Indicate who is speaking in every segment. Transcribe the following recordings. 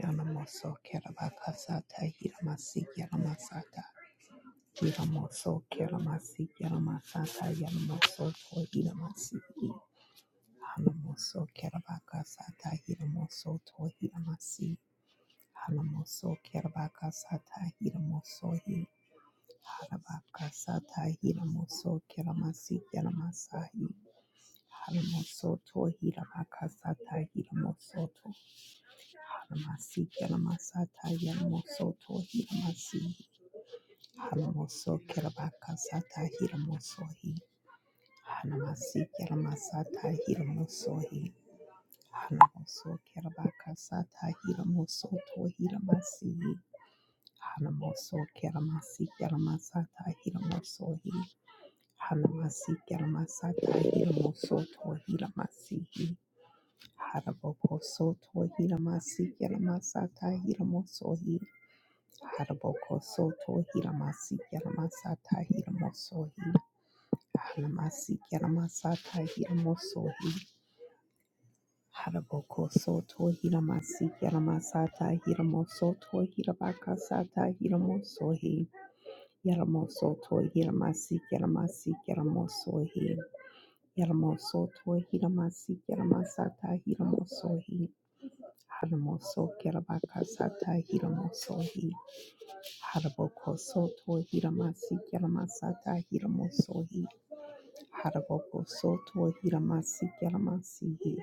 Speaker 1: Yonamoso Kerabakasata Hiramasi Yaramasata Hiramoso Keramasi Yaramasata Yanamoso to Hiramasi Hanamoso Kerabakasata Hiramoso to Hiramasi Hanamoso Kerabakasata Hiramoso Hi Harabakasata Hiramoso Keramasi Yaramasahi Hanamoso to Hiramakasata Hiramoso Halamasi Kelamasata Yalamosoto Hilamasi Halamoso Kelabaka Sata Hilamosohi Halamasi Kelamasata Hilamosohi Halamoso Kelabaka Sata Hilamosoto Hilamasi Halamoso Kelamasi Kelamasata Hilamosohi Halamasi Kelamasata Hilamosoto Hilamasihi Haraboko Soto Hilamasi Kelamasata Hilamosohi Haraboko soto hiramasi yaramasata hiramosohi. Haramasi yaramasata hiramosohi. Haraboko soto hiramasi yaramasata hiramosoto hirabakasata hiramosohi. Yaramosoto hiramasi yaramasi yaramosohi. Yaramosoto hiramasi yaramasata hiramosohi. Haramoso yarabakasata hiramosohi. Haraboko soto hiramasi kelamasata hiramosohi. Haraboko soto hiramasi kelamasihi.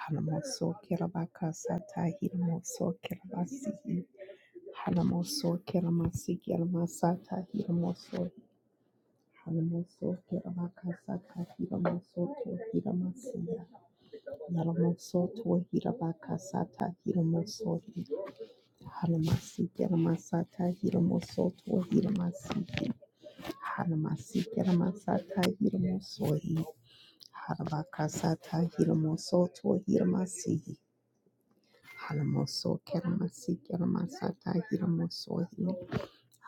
Speaker 1: Hanamoso kelabaka sata hiramoso kelabasihi. Hanamoso kelamasi kelamasata hiramosohi. Hanamoso kelabaka sata hiramoso to hiramasiya. Yalamoso to hirabaka sata hiramosohi. Hanamasi kelamasata hiramoso to hiramasihi. Hanamasikeremasata hiramosohi. Harabakasata hiramosoto hiramasihi. Hanamoso keremasikeremasata hiramosohi.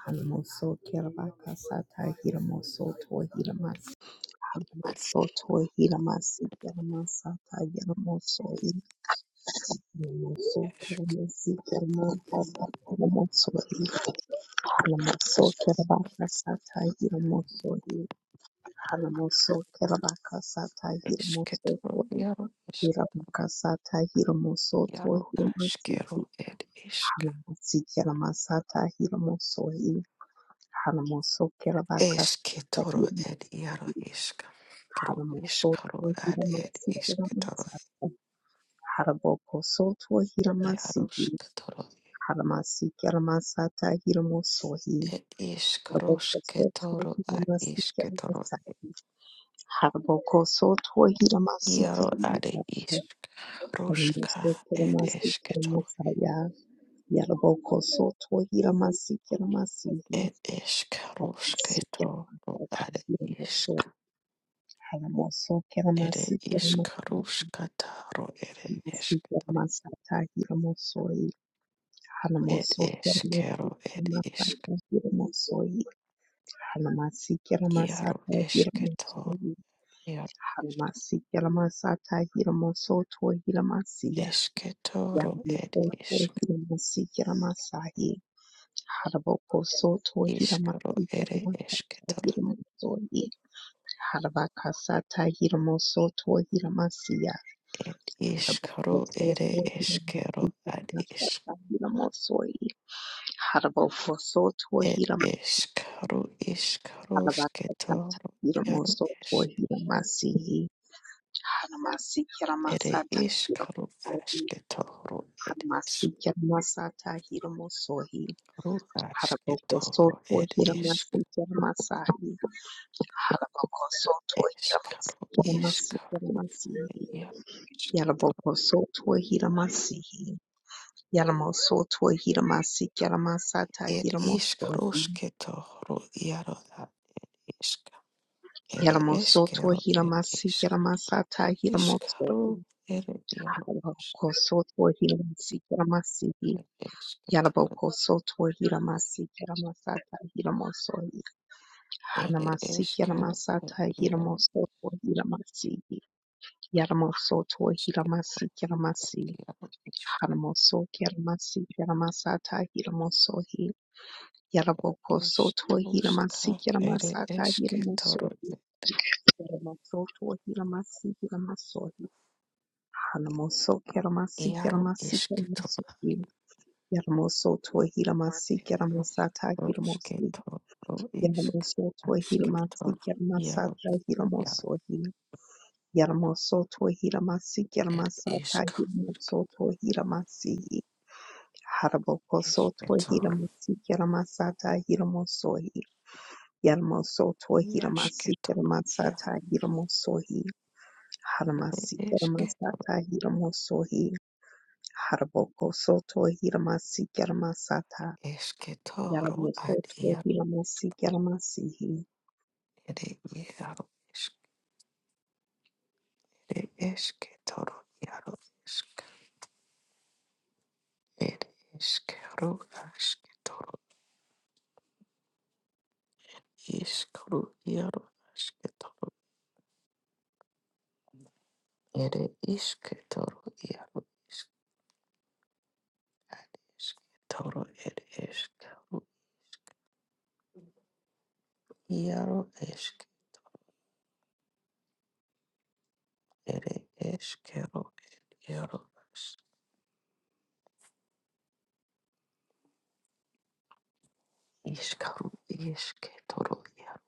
Speaker 1: Hanamoso kerebakasata hiramosoto hiramasi. Hanamosoto hiramasikeremasa hiramosohi. Hanamoso keremasikeremasata hiramosohi. Hanamoso kerebakasata hiramosohi. Haramoso Keramakasata Hiramoso
Speaker 2: Esketoro iaro esk
Speaker 1: Hiramakasata Hiramoso
Speaker 2: iaro
Speaker 1: Hiramasi
Speaker 2: askero ed isk
Speaker 1: Haramasi Keramasata Hiramoso Hiramoso Keramakasata
Speaker 2: esketoro
Speaker 1: Hiramoso
Speaker 2: ed iaro isk karo
Speaker 1: Haramoso
Speaker 2: iskaro
Speaker 1: to
Speaker 2: ad ed
Speaker 1: Hiramasi
Speaker 2: isketoro
Speaker 1: Keramasata Haraboko Soto Hiramasi
Speaker 2: yaro sketoro
Speaker 1: Haramasi Keramasata Hiramoso
Speaker 2: ed iskaro
Speaker 1: Haraboko Soto
Speaker 2: sketoro ad
Speaker 1: Hiramasi
Speaker 2: isketoro
Speaker 1: Keramasata Haraboko Soto Hiramasi
Speaker 2: iaro ad
Speaker 1: Keramasata
Speaker 2: isk roska ed esketoro
Speaker 1: Haramasikeremasikeremasaya, yarabokosoto, hiramasikemasihi,
Speaker 2: ed iskaro sketoro
Speaker 1: sikeremasata,
Speaker 2: ad
Speaker 1: hiramoso,
Speaker 2: isk ed
Speaker 1: haramosokeremasikeremasata,
Speaker 2: iskaruskataro ed isk
Speaker 1: masikeremasata, hiramosoi,
Speaker 2: Ed eskero ed
Speaker 1: haramosokeremasikeremasata,
Speaker 2: isk
Speaker 1: hiramosoi,
Speaker 2: iaro
Speaker 1: haramasikeremasata,
Speaker 2: esketoro
Speaker 1: hiramosoi,
Speaker 2: iaro
Speaker 1: haramasikeremasata, hiramosoto, hiramasiya,
Speaker 2: esketoro ed
Speaker 1: yarabokosoto,
Speaker 2: isk
Speaker 1: hiramasikeramasai, Harabokosoto
Speaker 2: iskaro
Speaker 1: Hiramatija
Speaker 2: ere
Speaker 1: Hirakata
Speaker 2: esketoro
Speaker 1: Hiramosoye Harabakasata Hiramosoto Hiramasiya
Speaker 2: ed iskaro ere
Speaker 1: Harabokosoto
Speaker 2: eskero ad isk
Speaker 1: Hiramakasata Hiramosoye Harabokosoto
Speaker 2: ed
Speaker 1: Hiram
Speaker 2: eskaro iskaro
Speaker 1: Harabakasata
Speaker 2: sketoro iaro
Speaker 1: Hiramosoto
Speaker 2: isk
Speaker 1: Hiramasiyi Haramasi
Speaker 2: ere
Speaker 1: Hiramasata
Speaker 2: iskaro
Speaker 1: Hiramosoye
Speaker 2: asketoro ed
Speaker 1: Haramasi
Speaker 2: iskaro
Speaker 1: Hiramasata Hiramosoye Harabokoso
Speaker 2: asketoro ed
Speaker 1: tohira
Speaker 2: isk
Speaker 1: masikira masahi. Harabokoso tohira
Speaker 2: eskaro
Speaker 1: masikira masikira
Speaker 2: iskaro
Speaker 1: masihi.
Speaker 2: iaro
Speaker 1: Yarabokoso tohira masihi. Yaramoso tohira masikira masata
Speaker 2: Ed
Speaker 1: hira mosohi.
Speaker 2: ishkarushketo ru iaro ad ishka. Ere
Speaker 1: Yaramoso
Speaker 2: eskero
Speaker 1: tohira
Speaker 2: ed
Speaker 1: masikira
Speaker 2: ishka.
Speaker 1: masata hira
Speaker 2: Ishkaru
Speaker 1: mosohi.
Speaker 2: ere iaro ishk.
Speaker 1: Harabokoso tohira masikira soto
Speaker 2: Ed esketoro
Speaker 1: Yarabokoso tohira masikira masata hira mosohi.
Speaker 2: ere
Speaker 1: Hanamasiki
Speaker 2: eskero ed
Speaker 1: Yanamasata
Speaker 2: iaro
Speaker 1: Hiramosoto Hiramasi Yaramosoto
Speaker 2: ishk.
Speaker 1: Hiramasi Yaramasi
Speaker 2: Iaro ishk.
Speaker 1: Hanamoso Yaramasi Yaramasata Hiramosohi Yaraboko Soto Hiramasi
Speaker 2: Ishkarushka ere
Speaker 1: Yaramasata
Speaker 2: esketoro
Speaker 1: Hiramoso
Speaker 2: ed
Speaker 1: Yaramosoto Hiramasi Yaramasohi Hanamoso Yaramasi
Speaker 2: iaro
Speaker 1: Yaramasi
Speaker 2: ishketoro.
Speaker 1: Yaramasohi Yaramosoto Hiramasi
Speaker 2: Iaro
Speaker 1: Yaramasata Hiramosi
Speaker 2: ishkarushketo ru ishk.
Speaker 1: Yaramosoto
Speaker 2: Ashketo
Speaker 1: Hiramasi
Speaker 2: iaro
Speaker 1: Yaramasata
Speaker 2: iaro
Speaker 1: Hiramosohi Yaramosoto Hiramasi
Speaker 2: ed
Speaker 1: Yaramasata
Speaker 2: ishka.
Speaker 1: Hiramosoto Hiramasi Harabokosoto Hiramasi Yaramasata Hiramosohi Yaramosoto Hiramasi
Speaker 2: Iashketoro iaro
Speaker 1: Yaramasata Hiramosohi Haramasi
Speaker 2: esketoro
Speaker 1: Yaramasata Hiramosohi Harabokosoto Hiramasi Yaramasata
Speaker 2: esketoro ad
Speaker 1: Yaramosoto
Speaker 2: iaro
Speaker 1: Hiramasi Yaramasihi
Speaker 2: ere iaro eskere esketoro iaro esk ed eskero asketoro iskru iaro asketoro ere isketoro iaro esk ad esketoro ed eskero iaro esk ere eskero ed iaro ask iskaru isketoro iaro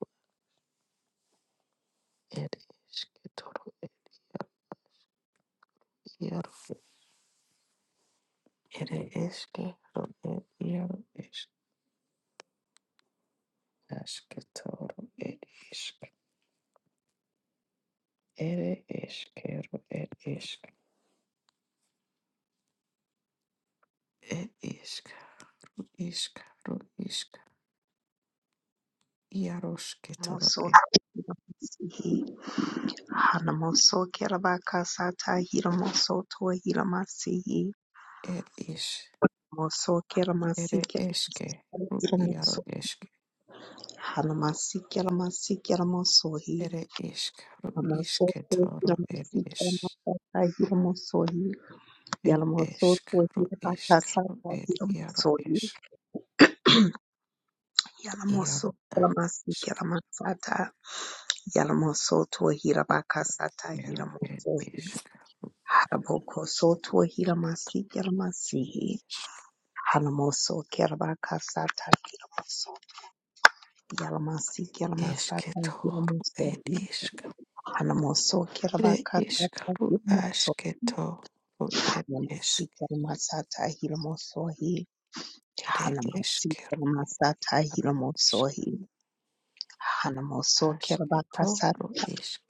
Speaker 2: ed esketoro Iaro ere eske ro ed iaro es aske toro ed isk ere eske ro ed isk ed isk isk ro isk iaro ske toro
Speaker 1: Mosoto
Speaker 2: ed
Speaker 1: Sihi Hanamoso Kerabakasata Hiramoso Toa Hiramasi
Speaker 2: ed is
Speaker 1: Moso Keramasi
Speaker 2: ere eske ro iaro
Speaker 1: Keramaso
Speaker 2: eske
Speaker 1: Hanamasi Keramasi Keramasohi
Speaker 2: ere isk ro
Speaker 1: Hamaso
Speaker 2: iske
Speaker 1: Toa
Speaker 2: toro ed
Speaker 1: Hiramasi
Speaker 2: is
Speaker 1: Keramasata Hiramosohi
Speaker 2: ed
Speaker 1: Yalamoso
Speaker 2: esk
Speaker 1: Toa
Speaker 2: ro isk ro
Speaker 1: Hirabakasata
Speaker 2: ed iaro
Speaker 1: Hiramosohi
Speaker 2: es
Speaker 1: Yalamoso
Speaker 2: iaro ad
Speaker 1: Keramasi
Speaker 2: isk
Speaker 1: Keramasata Yalamoso Toa Hirabakasata
Speaker 2: ero ed
Speaker 1: Hiramosohi
Speaker 2: isk
Speaker 1: Haraboko Soto Hiramasi Keramasihi Hanamoso, Kerabakasata, Kiramoso, Yalamasi, Kiramasata,
Speaker 2: Esketoro
Speaker 1: Kiramoso,
Speaker 2: ed isk.
Speaker 1: Hanamoso,
Speaker 2: Ere
Speaker 1: Kerabakasata,
Speaker 2: iskaru
Speaker 1: Kiramoso,
Speaker 2: asketoro ed
Speaker 1: Yalamasi,
Speaker 2: isk.
Speaker 1: Kiramasata, Kiramoso,
Speaker 2: Ere
Speaker 1: Hanamasi,
Speaker 2: eskeru
Speaker 1: Kiramasata,
Speaker 2: yaru ask.
Speaker 1: Kiramoso, Hanamoso, Kerabakasata,
Speaker 2: Asketoro isk.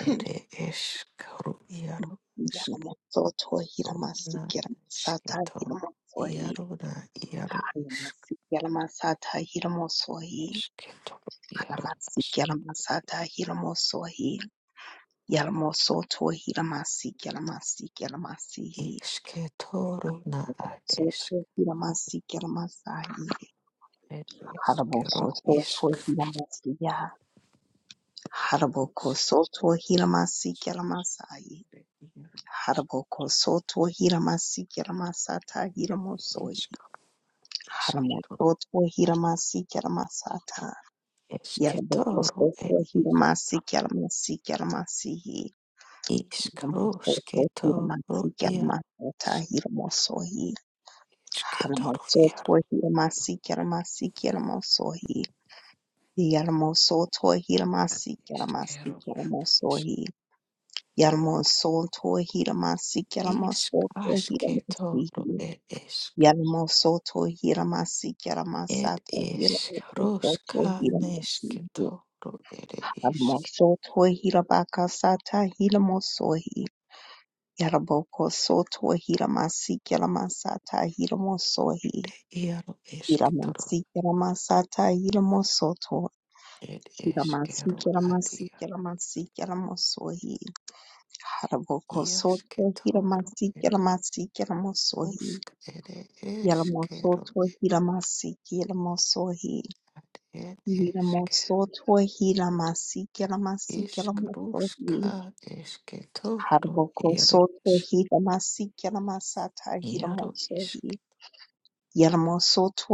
Speaker 2: Ere eskaru yaru askero
Speaker 1: Yalamoso, To Hiramasi,
Speaker 2: na
Speaker 1: Kiramasata,
Speaker 2: isketo
Speaker 1: Kiramoso,
Speaker 2: Yaru na yaru isk.
Speaker 1: Hanamasi, Kiramasata, Kiramoso,
Speaker 2: Esketoro yaru
Speaker 1: Hanamasi,
Speaker 2: ask.
Speaker 1: Kiramasata, Kiramoso, Yalamosoto Hilamasi Yalamasi Yalamasi yalamasihi.
Speaker 2: Isketoro na ad isk.
Speaker 1: Soto Hilamasi Yalamasai
Speaker 2: Ed eskeru
Speaker 1: Halaboko Soto
Speaker 2: isk.
Speaker 1: Hilamasi Halaboko
Speaker 2: Isk.
Speaker 1: Soto Hilamasi Yalamasai
Speaker 2: Ere yaru
Speaker 1: Halaboko Soto Hilamasi Yalamasata Hilamosoi
Speaker 2: isk. Isk.
Speaker 1: Halamosoto Hilamasi Yalamasata Yalaboko
Speaker 2: Esketoro ed
Speaker 1: Soto Hilamasi Yalamasi Yalamasi Soto
Speaker 2: iskarosketoro
Speaker 1: Hilamasi
Speaker 2: iar
Speaker 1: Yalamasata Hilamosoi
Speaker 2: esketoro iar
Speaker 1: Haramasotohiramasikeramasikeramasohi.
Speaker 2: eskero ad isk
Speaker 1: Yarmosotohiramasikeramasikeramasohi.
Speaker 2: iskasketoro
Speaker 1: Yarmosotohiramasikeramasikeramasotohiramasihi.
Speaker 2: ed isk ed
Speaker 1: Yarmosotohiramasikeramatohiramosotohiramasihi.
Speaker 2: iskaroskasketoro ed isk
Speaker 1: Harmosotohirabakasatahiramosohi. Yarabokosotohiramasikeramatahiromosohi.
Speaker 2: iar esketoro
Speaker 1: Hiramansikiramasata Hiramosoto
Speaker 2: ed eskero ad iar
Speaker 1: Hiramansikiramasikiramasikiramosohi Harabokosoto
Speaker 2: iasketoro ed isk
Speaker 1: Hiramasikiramasikiramosohi
Speaker 2: usk ed eskero
Speaker 1: Yalamosoto Hiramasikiramosohi
Speaker 2: ad ed
Speaker 1: Hiramosoto Hiramasikiramasikiramosohi
Speaker 2: Iškaruška iškėtoro iaro
Speaker 1: Harabokosoto
Speaker 2: iš
Speaker 1: Hiramasikiramasata
Speaker 2: iaro
Speaker 1: Hiramosohi
Speaker 2: išk
Speaker 1: Yalamosoto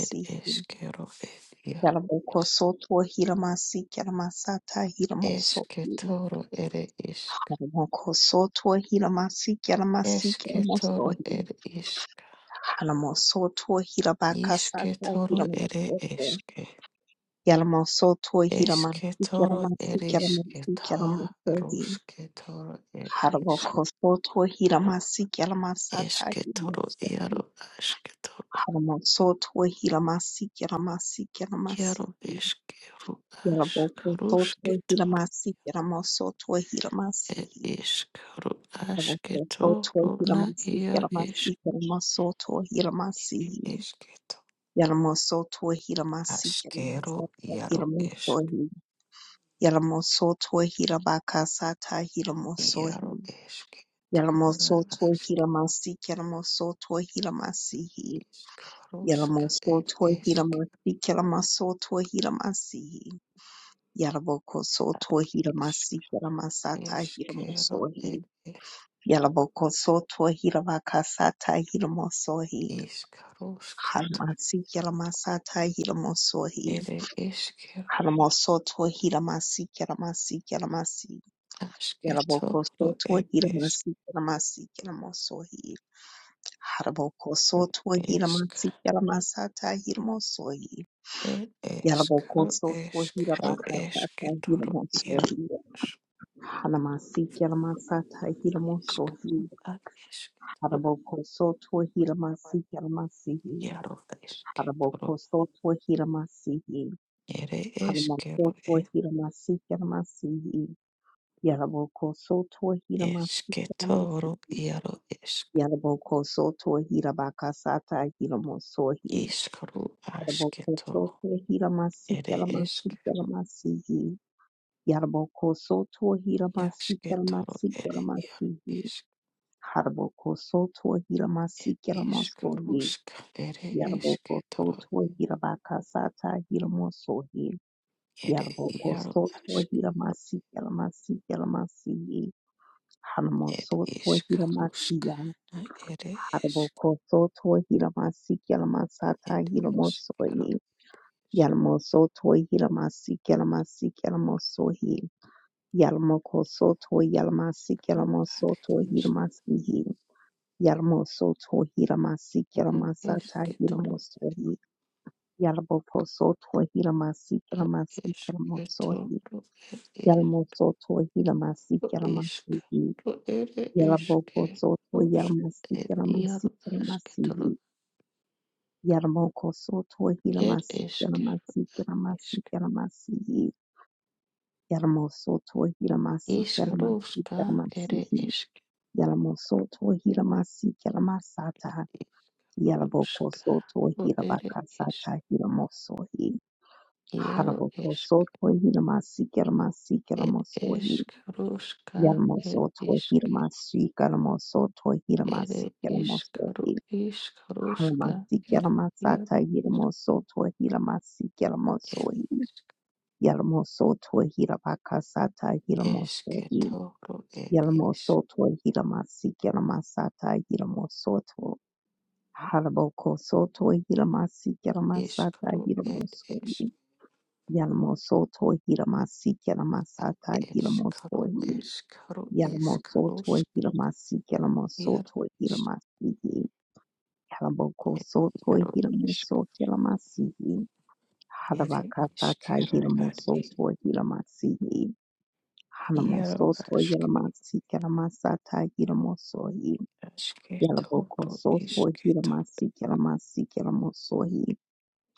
Speaker 2: ir iškėro ir iaro
Speaker 1: Yalamoko
Speaker 2: isk
Speaker 1: soto hilamasi yalamasata hilamoso.
Speaker 2: iškėtoro ere išk
Speaker 1: Yalamoko soto hilamasi yalamasi yalamoso.
Speaker 2: iškėtoro ir išk
Speaker 1: Yalamoso to hilabakasata
Speaker 2: iškėtoro ere
Speaker 1: hilamoso.
Speaker 2: išk
Speaker 1: Yalamoso to hilamasi
Speaker 2: iškėtoro
Speaker 1: yalamasi
Speaker 2: ir
Speaker 1: yalamasi
Speaker 2: iškėta
Speaker 1: yalamoso.
Speaker 2: ruškėtoro ir išk
Speaker 1: Yalamoko soto hilamasi yalamasata
Speaker 2: iškėtoro
Speaker 1: hilamoso.
Speaker 2: iaro iškėtoro
Speaker 1: Yalamoko soto hilamasi yalamasi
Speaker 2: iaro
Speaker 1: yalamasi.
Speaker 2: iškėro išk
Speaker 1: Yarabokototwe
Speaker 2: ruškėtoro
Speaker 1: hiramasi yaramasotwe
Speaker 2: ir
Speaker 1: hiramasihi.
Speaker 2: iškaru ašketo
Speaker 1: Yarabokototwe
Speaker 2: runa
Speaker 1: hiramasi
Speaker 2: ir
Speaker 1: yaramasi
Speaker 2: iškri
Speaker 1: yaramasotwe hiramasihi.
Speaker 2: išketo
Speaker 1: Yaramasotwe hiramasi
Speaker 2: aškeru
Speaker 1: yaramasata
Speaker 2: iaru išk
Speaker 1: hiramosohi. Yaramosotwe hirabakasata
Speaker 2: iaru
Speaker 1: hiramosohi.
Speaker 2: išketo runa
Speaker 1: Yaramosotwe
Speaker 2: ašk
Speaker 1: hiramasi yaramosotwe hiramasihi.
Speaker 2: iškaruška ir
Speaker 1: Yaramosotwe
Speaker 2: esk,
Speaker 1: hiramasi yaramasotwe hiramasihi. Yalaboko soto
Speaker 2: išk
Speaker 1: hiramasi hiramasata
Speaker 2: eskero ir
Speaker 1: hiramosohi.
Speaker 2: esk,
Speaker 1: Yalaboko soto hiravakasata hiramosohi.
Speaker 2: iškarušketo
Speaker 1: Haramasi hiramasata hiramosohi.
Speaker 2: ir iškeru
Speaker 1: Haramosoto hiramasi hiramasi hiramasi.
Speaker 2: ašketo
Speaker 1: Yalaboko
Speaker 2: ru
Speaker 1: soto
Speaker 2: ir išk
Speaker 1: hiramasi hiramasi hiramosohi. Haraboko soto
Speaker 2: esk,
Speaker 1: hiramasi hiramasata hiramosohi.
Speaker 2: ir
Speaker 1: Yalaboko
Speaker 2: iškaru
Speaker 1: soto
Speaker 2: iškaru
Speaker 1: hiravakasata
Speaker 2: išketo ru iaro.
Speaker 1: hiramosohi. Halamasiki Halamasata
Speaker 2: Iskaro
Speaker 1: Hilamosohi
Speaker 2: ad ishketoro
Speaker 1: Haraboko Soto Hilamasiki Halamasihi
Speaker 2: iaro esketoro
Speaker 1: Haraboko Soto Hilamasihi
Speaker 2: ere eskero e
Speaker 1: Halamosoto Hilamasiki Halamasihi Yaraboko Soto Hilamasiki
Speaker 2: esketoro
Speaker 1: Halamasihi
Speaker 2: iaro esk
Speaker 1: Yaraboko Soto Hilabakasata Hilamosohi
Speaker 2: iskaro
Speaker 1: Haraboko
Speaker 2: asketoro
Speaker 1: Soto Hilamasiki
Speaker 2: ere
Speaker 1: Halamasihi
Speaker 2: eskero
Speaker 1: Halamasihi Yaraboko Soto Hilamasiki
Speaker 2: iasketoro
Speaker 1: Halamasihi
Speaker 2: ere iaro
Speaker 1: Halamasihi
Speaker 2: esk,
Speaker 1: Haraboko soto hiramasi kiramaso ye.
Speaker 2: ishkaruska ere
Speaker 1: Yaraboko
Speaker 2: esketoro
Speaker 1: soto hirabakasata hiramoso ye.
Speaker 2: ere iaro
Speaker 1: soto
Speaker 2: ask
Speaker 1: hiramasi kiramasi kiramasi ye.
Speaker 2: ed
Speaker 1: Hanamoso hiramasi
Speaker 2: ishkaruska
Speaker 1: ya.
Speaker 2: na ere esk
Speaker 1: Haraboko soto hiramasi kiramasata
Speaker 2: ed
Speaker 1: hiramoso
Speaker 2: ishkaru
Speaker 1: ye. Yarmoso hiramasi kiramasi kiramoso ye. soto hiramasi
Speaker 2: ishkaru
Speaker 1: kiramoso to
Speaker 2: ask
Speaker 1: Yarmoso Tohiramasi
Speaker 2: ere
Speaker 1: Kiramasata
Speaker 2: esketoro
Speaker 1: Hiramosohi Yarbokoso Tohiramasi
Speaker 2: ad
Speaker 1: Kiramasi
Speaker 2: esketo
Speaker 1: Kiramosohi
Speaker 2: ru ed is
Speaker 1: Yarmoso Tohiramasi
Speaker 2: isk
Speaker 1: Kiramasihi
Speaker 2: ru ere eske
Speaker 1: Yarbokoso
Speaker 2: rusk
Speaker 1: Tohiramasi
Speaker 2: ed
Speaker 1: Kiramasi
Speaker 2: iaru asketo ru
Speaker 1: Kiramasihi Yarmokoso
Speaker 2: ed
Speaker 1: Tohiramasi
Speaker 2: eske
Speaker 1: Kiramasi Kiramasi
Speaker 2: isk
Speaker 1: Kiramasihi Yarmoso Tohiramasi
Speaker 2: isk
Speaker 1: Kiramasi
Speaker 2: ruska ere
Speaker 1: Kiramasihi
Speaker 2: eske
Speaker 1: Yarmoso Tohiramasi Kiramasata
Speaker 2: isk
Speaker 1: Yaraboko
Speaker 2: ruska
Speaker 1: soto
Speaker 2: ru ere isk
Speaker 1: hirabakasata hiramosohi.
Speaker 2: iaru
Speaker 1: Haraboko
Speaker 2: esk
Speaker 1: soto hiramasi karamasi
Speaker 2: ed
Speaker 1: karamosohi.
Speaker 2: esk ruska ed
Speaker 1: Yarmosoto
Speaker 2: isk
Speaker 1: hiramasi karamosoto
Speaker 2: ere
Speaker 1: hiramasi
Speaker 2: isk ru
Speaker 1: karamosohi.
Speaker 2: isk ruska
Speaker 1: Haramasi
Speaker 2: ed iaru
Speaker 1: karamasata hiramosoto hiramasi
Speaker 2: ed
Speaker 1: karamosohi. Yarmosoto hirabakasata hiramosohi.
Speaker 2: esketo ed isk
Speaker 1: Yarmosoto hiramasi karamasata hiramosoto. Haraboko soto hiramasi kelamasata
Speaker 2: Iskaro ed isk
Speaker 1: hiramosoi. Yalamosoto hiramasi
Speaker 2: ad
Speaker 1: kelamasata
Speaker 2: iskaro
Speaker 1: hiramosoi.
Speaker 2: iskaro
Speaker 1: Yalamosoto
Speaker 2: iskarosk
Speaker 1: hiramasi
Speaker 2: iaro
Speaker 1: kelamosoto
Speaker 2: isk
Speaker 1: hiramasi. Haraboko soto
Speaker 2: iaro isk
Speaker 1: hiramoso kelamasi.
Speaker 2: ere
Speaker 1: Harabakasata
Speaker 2: iskero ad
Speaker 1: hiramosoto hiramasi.
Speaker 2: iaro
Speaker 1: Hanamosoto
Speaker 2: ask
Speaker 1: hiramasi kelamasata hiramosoi. Yalaboko
Speaker 2: asketoro
Speaker 1: soto
Speaker 2: isketor
Speaker 1: hiramasi kelamasi kelamosoi.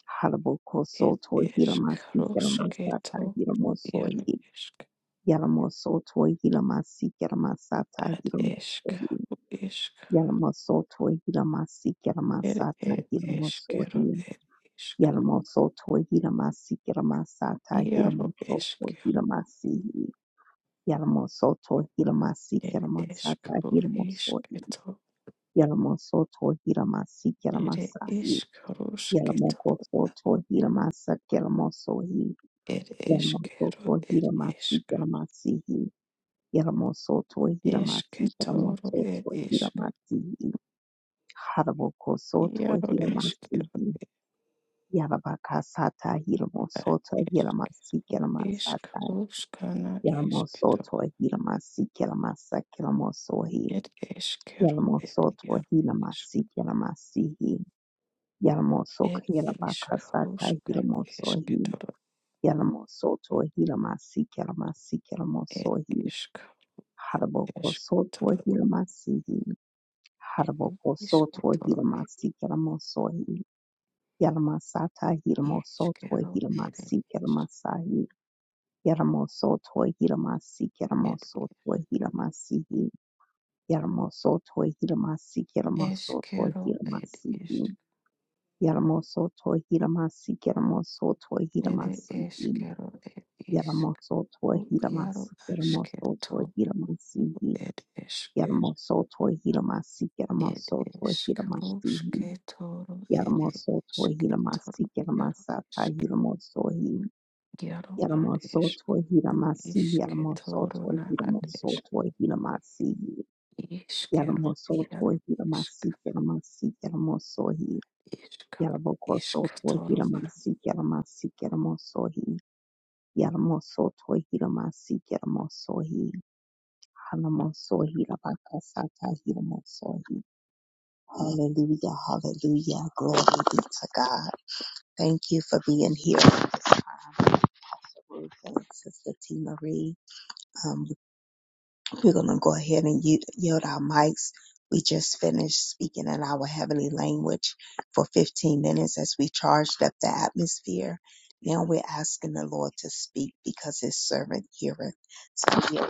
Speaker 1: Halaboko
Speaker 2: ed
Speaker 1: Soto Hiramasi Keramasata
Speaker 2: iskarosketoro
Speaker 1: Hiramosoi
Speaker 2: iaro isk
Speaker 1: Yalamoso Toi Hilamasi Keramasata
Speaker 2: ad
Speaker 1: Hiramosoi
Speaker 2: iskaro isk
Speaker 1: Yalamoso Toi Hilamasi
Speaker 2: ere
Speaker 1: Keramasata
Speaker 2: ed iskero
Speaker 1: Hiramosoi
Speaker 2: ed isk
Speaker 1: Yalamoso Toi Hilamasi Keramasata
Speaker 2: iaro
Speaker 1: Hiramoso Toi
Speaker 2: iskero
Speaker 1: Hilamasi Yalamoso Toi Hilamasi
Speaker 2: ed
Speaker 1: Keramasata
Speaker 2: iskaro
Speaker 1: Hiramosoi
Speaker 2: isketor
Speaker 1: Yalamoso Toi Hilamasi
Speaker 2: Ere
Speaker 1: Keramasai Yalamoko
Speaker 2: ishkarushketoro
Speaker 1: Soto Hiramasa Keramosoi
Speaker 2: ere eskero
Speaker 1: Yaramosoto
Speaker 2: ere
Speaker 1: Hiramasi
Speaker 2: ishka.
Speaker 1: Yaramasihi Yaramosoto Hiramasi
Speaker 2: Esketoro ere
Speaker 1: Yaramosoto
Speaker 2: ishka.
Speaker 1: Hiramasihi Haraboko Soto
Speaker 2: Iaro eskero
Speaker 1: Hiramasihi Yarabakasata
Speaker 2: ad
Speaker 1: Hiramosoto
Speaker 2: ishka.
Speaker 1: Hiramasi Yaramasata
Speaker 2: Ishkarushkana esketoro
Speaker 1: Yaramosoto Hiramasi Yaramasa Yaramosohi
Speaker 2: ere eskero ere
Speaker 1: Yaramosoto
Speaker 2: iaro ishka.
Speaker 1: Hiramasi Yaramasihi Yaramosok
Speaker 2: Ere
Speaker 1: Yarabakasata
Speaker 2: ishkarushka
Speaker 1: Hiramosohi
Speaker 2: esketoro
Speaker 1: Yaramosoto Hiramasi Yaramasi
Speaker 2: ere
Speaker 1: Yaramosohi
Speaker 2: ishka.
Speaker 1: Haraboko sotwa
Speaker 2: Esketoro
Speaker 1: hilamasihi.
Speaker 2: ere
Speaker 1: Haraboko sotwa
Speaker 2: ishketoro ere
Speaker 1: hilamasi kalamosohi. Yalamasata hilamosotwa
Speaker 2: ishkero ere
Speaker 1: hilamasi
Speaker 2: ishka.
Speaker 1: kalamasahi. Yalamosotwa hilamasi
Speaker 2: Ere
Speaker 1: kalamosotwa hilamasihi. Yalamosotwa hilamasi kalamosotwa
Speaker 2: eskero ere ishka.
Speaker 1: hilamasihi. Yalamosotwa hilamasi kalamosotwa
Speaker 2: Ere
Speaker 1: hilamasihi.
Speaker 2: eskero ed iskru
Speaker 1: Yalamosotwa
Speaker 2: iaro
Speaker 1: hilamasi kalamosotwa
Speaker 2: asketo
Speaker 1: hilamasihi.
Speaker 2: ed esk
Speaker 1: Yaramosoto Hiramasi
Speaker 2: ed
Speaker 1: Yaramasoto
Speaker 2: eskru
Speaker 1: Hiramasi
Speaker 2: sketoro ed
Speaker 1: Yaramosoto Hiramasi
Speaker 2: esketoro iaro
Speaker 1: Yaramasata
Speaker 2: esk
Speaker 1: Hiramosohi
Speaker 2: iaro ad esk
Speaker 1: Yaramosoto Hiramasi
Speaker 2: isketoro
Speaker 1: Yaramosoto
Speaker 2: na ad esk
Speaker 1: Hiramosoto Hiramasi
Speaker 2: iskero
Speaker 1: Yaramosoto
Speaker 2: iaro esk
Speaker 1: Hiramasi Yaramasi Yaramosohi
Speaker 2: iskaro
Speaker 1: Yarabokosoto
Speaker 2: isketoro.
Speaker 1: Hiramasi Yaramasi Yaramosohi Yaramosoto Hiramasi Yaramosohi Hanamosohi Rabakasata Hiramosohi Hallelujah, hallelujah. Glory be to God. Thank you for being here, Sister T. Marie. Um, we're going to go ahead and y- yield our mics. We just finished speaking in our heavenly language for 15 minutes as we charged up the atmosphere. Now we're asking the Lord to speak because his servant heareth. So, yeah,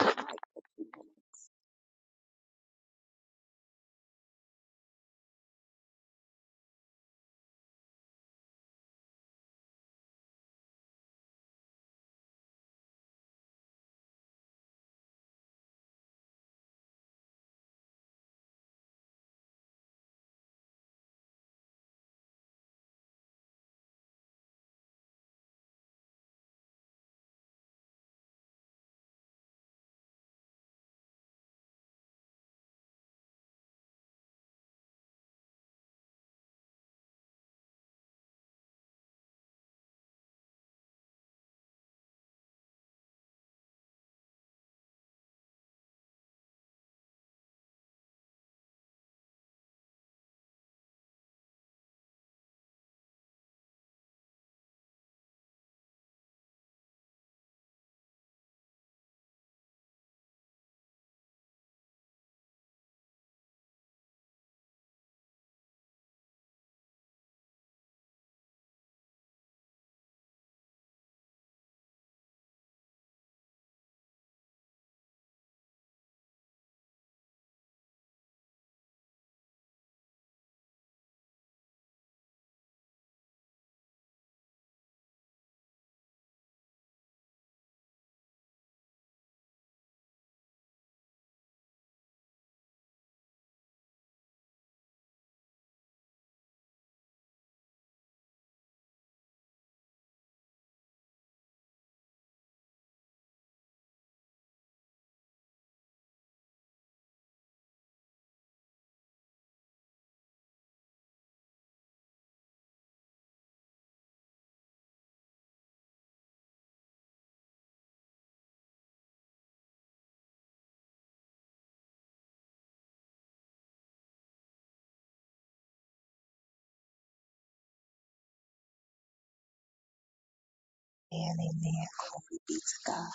Speaker 1: Amen, amen. Glory be to God.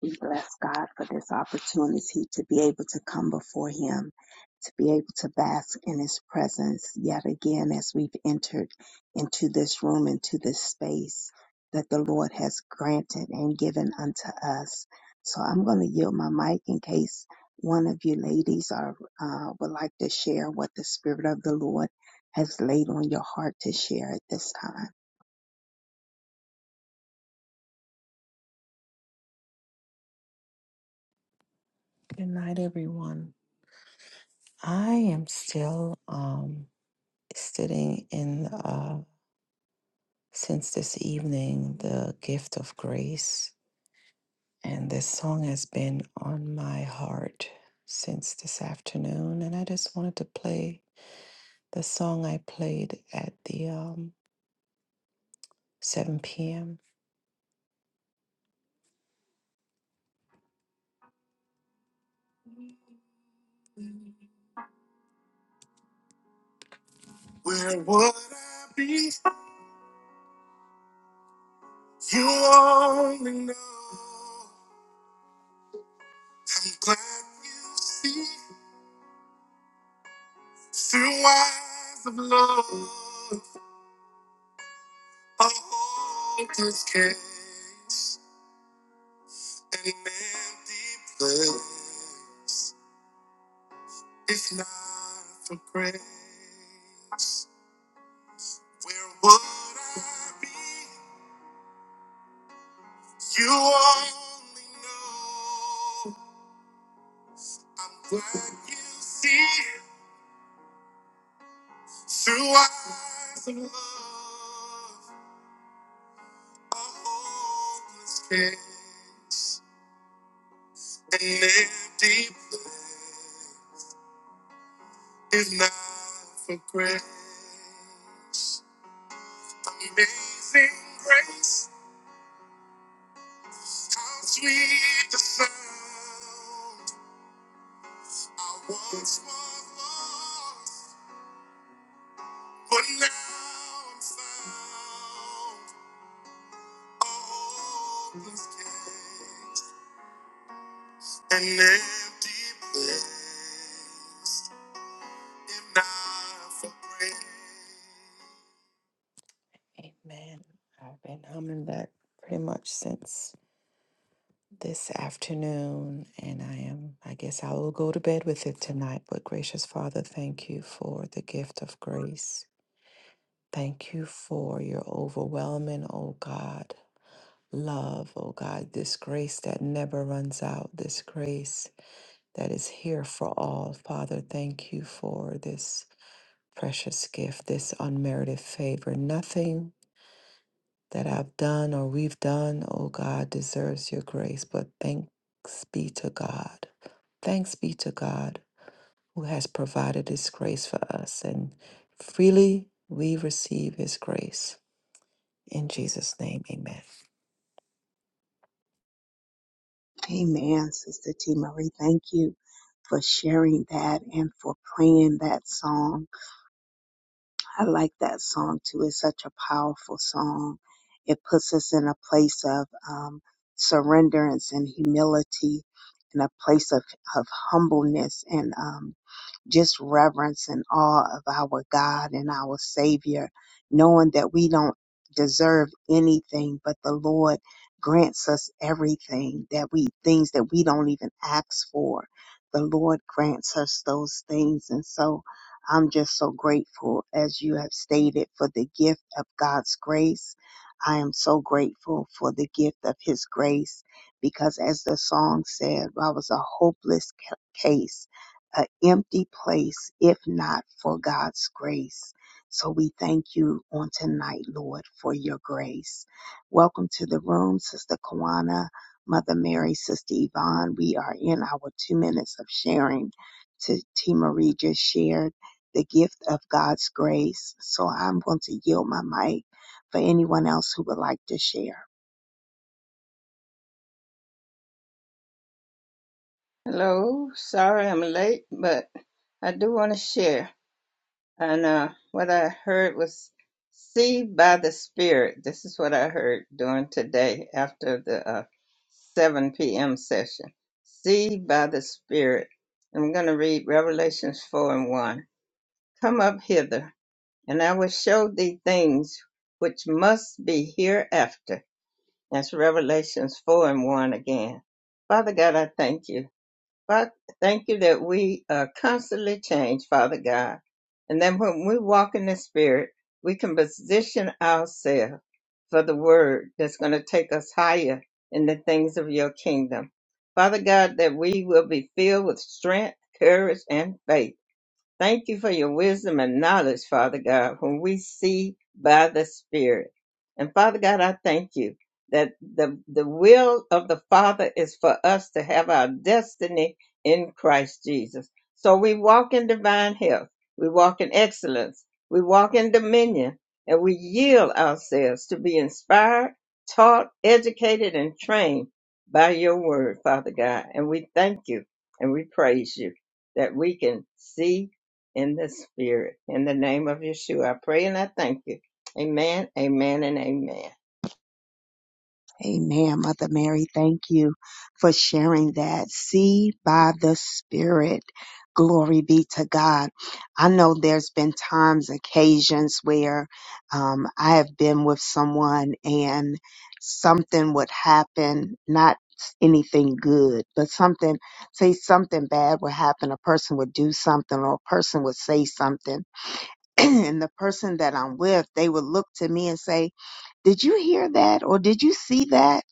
Speaker 1: We bless God for this opportunity to be able to come before Him, to be able to bask in His presence yet again as we've entered into this room, into this space that the Lord has granted and given unto us. So I'm going to yield my mic in case one of you ladies are, uh, would like to share what the Spirit of the Lord has laid on your heart to share at this time.
Speaker 2: Good night, everyone. I am still um sitting in. the since this evening the gift of grace, and this song has been on my heart since this afternoon. And I just wanted to play the song I played at the um, 7 p.m. Where would I be? You only know. I'm glad you see through eyes of love. A hopeless case. an empty place if not for grace. Where would I be? You only know. I'm glad you see through eyes of love a hopeless case, an empty place, if not for grace. Amazing grace. How sweet the sound I once was lost, but now I'm found. A hopeless case, an empty place, if not for grace. Amen. I've been humming that pretty much since. this afternoon, and I am, I guess I will go to bed with it tonight. But gracious Father, thank you for the gift of grace. Thank you for your overwhelming, oh God, love, oh God, this grace that never runs out, this grace that is here for all. Father, thank you for this precious gift, this unmerited favor. Nothing that I've done or we've done, oh God, deserves your grace. But thanks be to God. Thanks be to God who has provided his grace for us. And freely we receive his grace. In Jesus' name, amen.
Speaker 1: Amen, Sister T. Marie. Thank you for sharing that and for praying that song. I like that song too. It's such a powerful song. It puts us in a place of um, surrenderance and humility, in a place of, of humbleness and um, just reverence and awe of our God and our Savior, knowing that we don't deserve anything, but the Lord grants us everything that we, things that we don't even ask for. The Lord grants us those things. And so I'm just so grateful, as you have stated, for the gift of God's grace. I am so grateful for the gift of His grace because, as the song said, I was a hopeless ca- case an empty place if not for God's grace. So we thank you on tonight, Lord, for your grace. Welcome to the room, Sister Kawana, Mother Mary, Sister Yvonne. We are in our two minutes of sharing. To T. Marie just shared the gift of God's grace. So I'm going to yield my mic for anyone else who would like to share.
Speaker 3: Hello, sorry I'm late, but I do want to share. And uh, what I heard was see by the Spirit. This is what I heard during today after the uh, 7 p.m. session. See by the Spirit. I'm going to read Revelations 4 and 1. Come up hither, and I will show thee things which must be hereafter. That's Revelations 4 and 1 again. Father God, I thank you. Father, thank you that we are constantly change, Father God. And then when we walk in the Spirit, we can position ourselves for the word that's going to take us higher in the things of your kingdom. Father God, that we will be filled with strength, courage, and faith Thank you for your wisdom and knowledge, Father God, when we see by the Spirit. And Father God, I thank you that the, the will of the Father is for us to have our destiny in Christ Jesus. So we walk in divine health, we walk in excellence, we walk in dominion, and we yield ourselves to be inspired, taught, educated, and trained by your word, Father God. And we thank you and we praise you that we can see in the spirit. In the name of Yeshua, I pray and I thank you. Amen, amen, and amen.
Speaker 1: Amen, Mother Mary. Thank you for sharing that. See by the Spirit. Glory be to God. I know there's been times, occasions where um, I have been with someone and something would happen, not anything good, but something, say something bad would happen. A person would do something or a person would say something. and the person that I'm with, they would look to me and say, did you hear that or did you see that?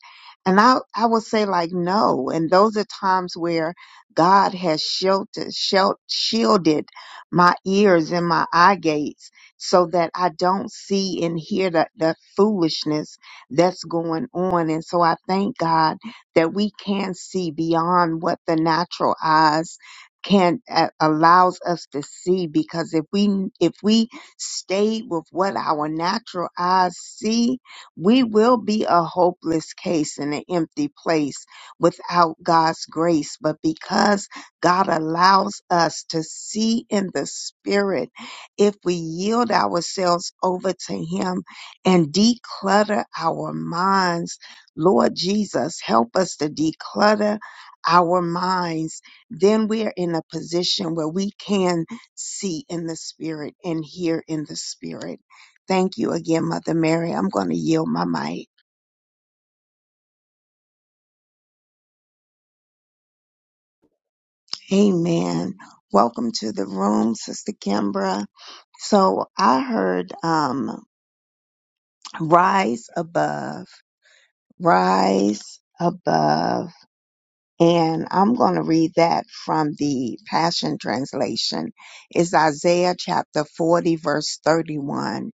Speaker 1: And I, I will say like, no. And those are times where God has sheltered, shel- shielded my ears and my eye gates so that I don't see and hear the, the foolishness that's going on. And so I thank God that we can see beyond what the natural eyes can uh, allows us to see because if we if we stayed with what our natural eyes see we will be a hopeless case in an empty place without God's grace. But because God allows us to see in the spirit, if we yield ourselves over to Him and declutter our minds, Lord Jesus, help us to declutter our minds, then we are in a position where we can see in the spirit and hear in the spirit. Thank you again, Mother Mary. I'm going to yield my mic. Amen. Welcome to the room, Sister Kimbra. So I heard um, rise above, rise above. And I'm going to read that from the Passion Translation. It's Isaiah chapter 40, verse 31.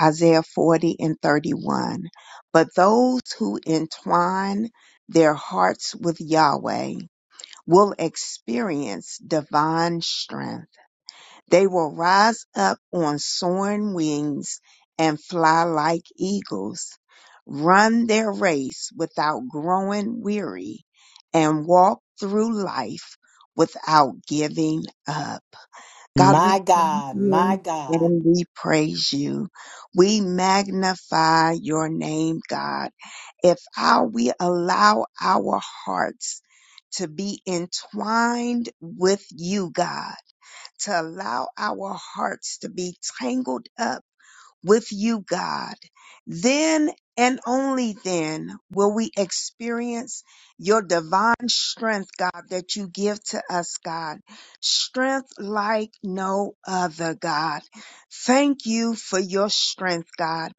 Speaker 1: Isaiah 40 and 31. But those who entwine their hearts with Yahweh, will experience divine strength. They will rise up on soaring wings and fly like eagles, run their race without growing weary, and walk through life without giving up. God, we
Speaker 4: My
Speaker 1: thank
Speaker 4: God, my
Speaker 1: you
Speaker 4: God.
Speaker 1: and we praise you. We magnify your name, God if our, we allow our hearts to be entwined with you, God, to allow our hearts to be tangled up with you, God. Then and only then will we experience your divine strength, God, that you give to us, God. Strength like no other, God. Thank you for your strength, God.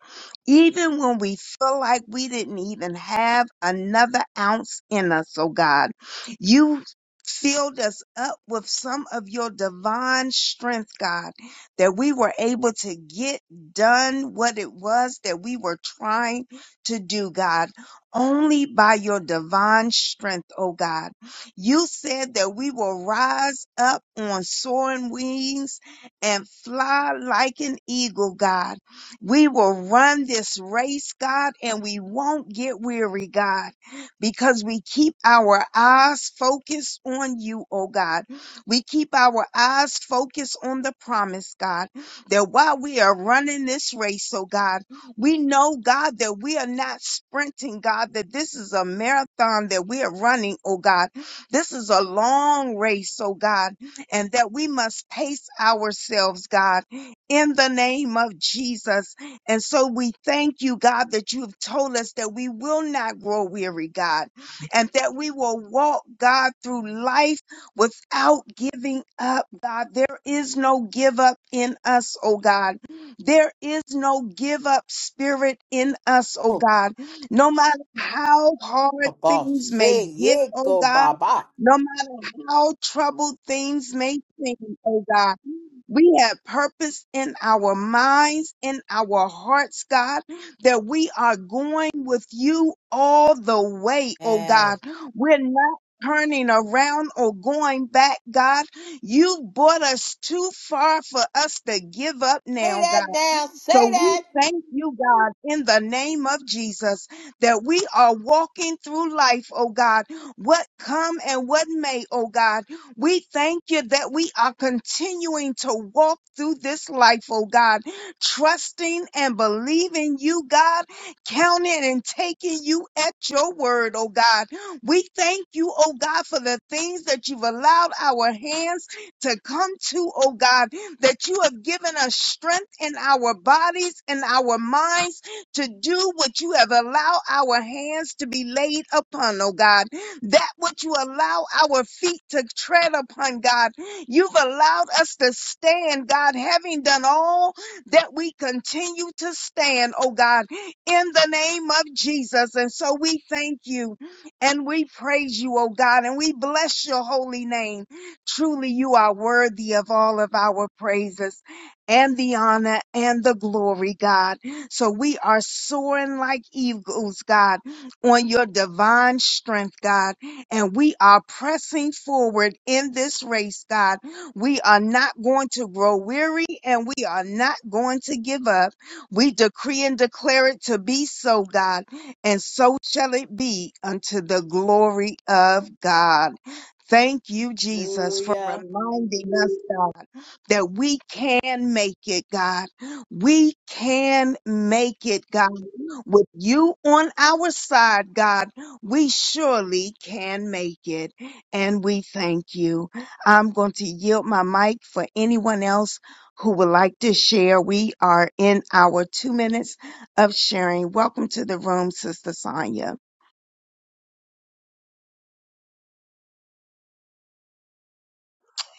Speaker 1: Even when we feel like we didn't even have another ounce in us, oh God, you filled us up with some of your divine strength, God, that we were able to get done what it was that we were trying to do, God, only by your divine strength, oh God. You said that we will rise up on soaring wings and fly like an eagle, God. We will run this race, God, and we won't get weary, God, because we keep our eyes focused on you, oh God. We keep our eyes focused on the promise, God that while we are running this race, oh God, we know, God, that we are not sprinting, God, that this is a marathon that we are running, oh God. This is a long race, oh God, and that we must pace ourselves, God, in the name of Jesus. And so we thank you, God, that you have told us that we will not grow weary, God, and that we will walk, God, through life without giving up, God. There is no give up in us, oh God. There is no give up spirit in us, oh
Speaker 4: Oh,
Speaker 1: God. No matter how hard
Speaker 4: boss,
Speaker 1: things may
Speaker 4: say
Speaker 1: get,
Speaker 4: yeah,
Speaker 1: oh
Speaker 4: go
Speaker 1: God,
Speaker 4: baba.
Speaker 1: no matter how troubled things may seem, oh God. We have purpose in our minds, in our hearts, God, that we are going with you all the way, oh
Speaker 4: And
Speaker 1: God. We're not turning around or going back, God. You brought us too far for us to give up
Speaker 4: say
Speaker 1: now,
Speaker 4: that
Speaker 1: God.
Speaker 4: now, say
Speaker 1: So
Speaker 4: that.
Speaker 1: we thank you, God, in the name of Jesus, that we are walking through life, oh God, what come and what may, oh God. We thank you that we are continuing to walk through this life, oh God, trusting and believing you, God, counting and taking you at your word, oh God. We thank you, oh God, for the things that you've allowed our hands to come to, oh God, that you have given us strength in our bodies and our minds to do what you have allowed our hands to be laid upon, oh God. That what you allow our feet to tread upon, God. You've allowed us to stand, God, having done all that we continue to stand, oh God, in the name of Jesus. And so we thank you and we praise you, oh God, and we bless your holy name. Truly, you are worthy of all of our praises and the honor and the glory, God. So we are soaring like eagles, God, on your divine strength, God. And we are pressing forward in this race, God. We are not going to grow weary and we are not going to give up. We decree and declare it to be so, God. And so shall it be unto the glory of God. Thank you, Jesus, for
Speaker 4: Hallelujah.
Speaker 1: reminding us, God, that we can make it, God. We can make it, God. With you on our side, God, we surely can make it. And we thank you. I'm going to yield my mic for anyone else who would like to share. We are in our two minutes of sharing. Welcome to the room, Sister Sonia.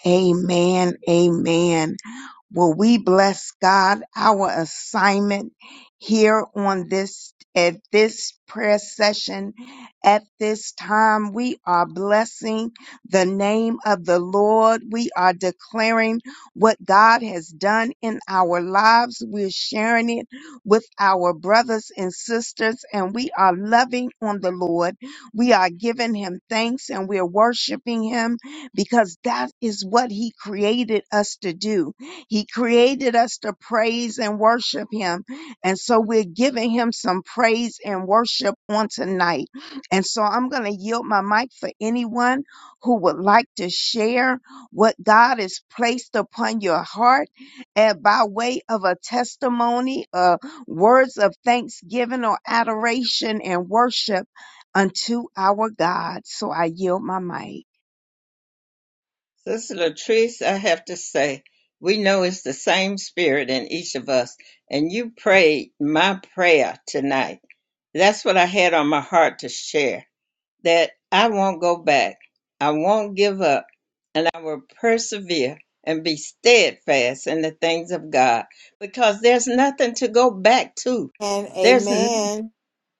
Speaker 1: Amen. Amen. Will we bless God our assignment here on this at this prayer session at this time we are blessing the name of the Lord we are declaring what God has done in our lives we're sharing it with our brothers and sisters and we are loving on the Lord we are giving him thanks and we're worshiping him because that is what he created us to do he created us to praise and worship him. And so we're giving him some praise and worship on tonight. And so I'm going to yield my mic for anyone who would like to share what God has placed upon your heart and by way of a testimony, uh, words of thanksgiving or adoration and worship unto our God. So I yield my mic.
Speaker 3: Sister Latrice, I have to say, we know it's the same spirit in each of us, and you prayed my prayer tonight. That's what I had on my heart to share that I won't go back, I won't give up, and I will persevere and be steadfast in the things of God because there's nothing to go back to.
Speaker 4: And
Speaker 3: There's nothing.
Speaker 4: amen.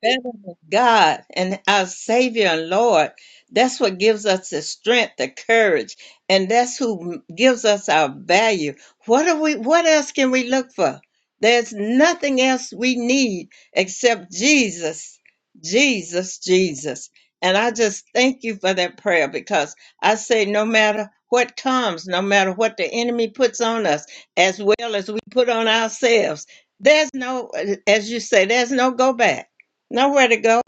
Speaker 3: better than God and our Savior and Lord. That's what gives us the strength, the courage, and that's who gives us our value. What are we? What else can we look for? There's nothing else we need except Jesus, Jesus, Jesus. And I just thank you for that prayer because I say, no matter what comes, no matter what the enemy puts on us, as well as we put on ourselves, there's no, as you say, there's no go back nowhere to go.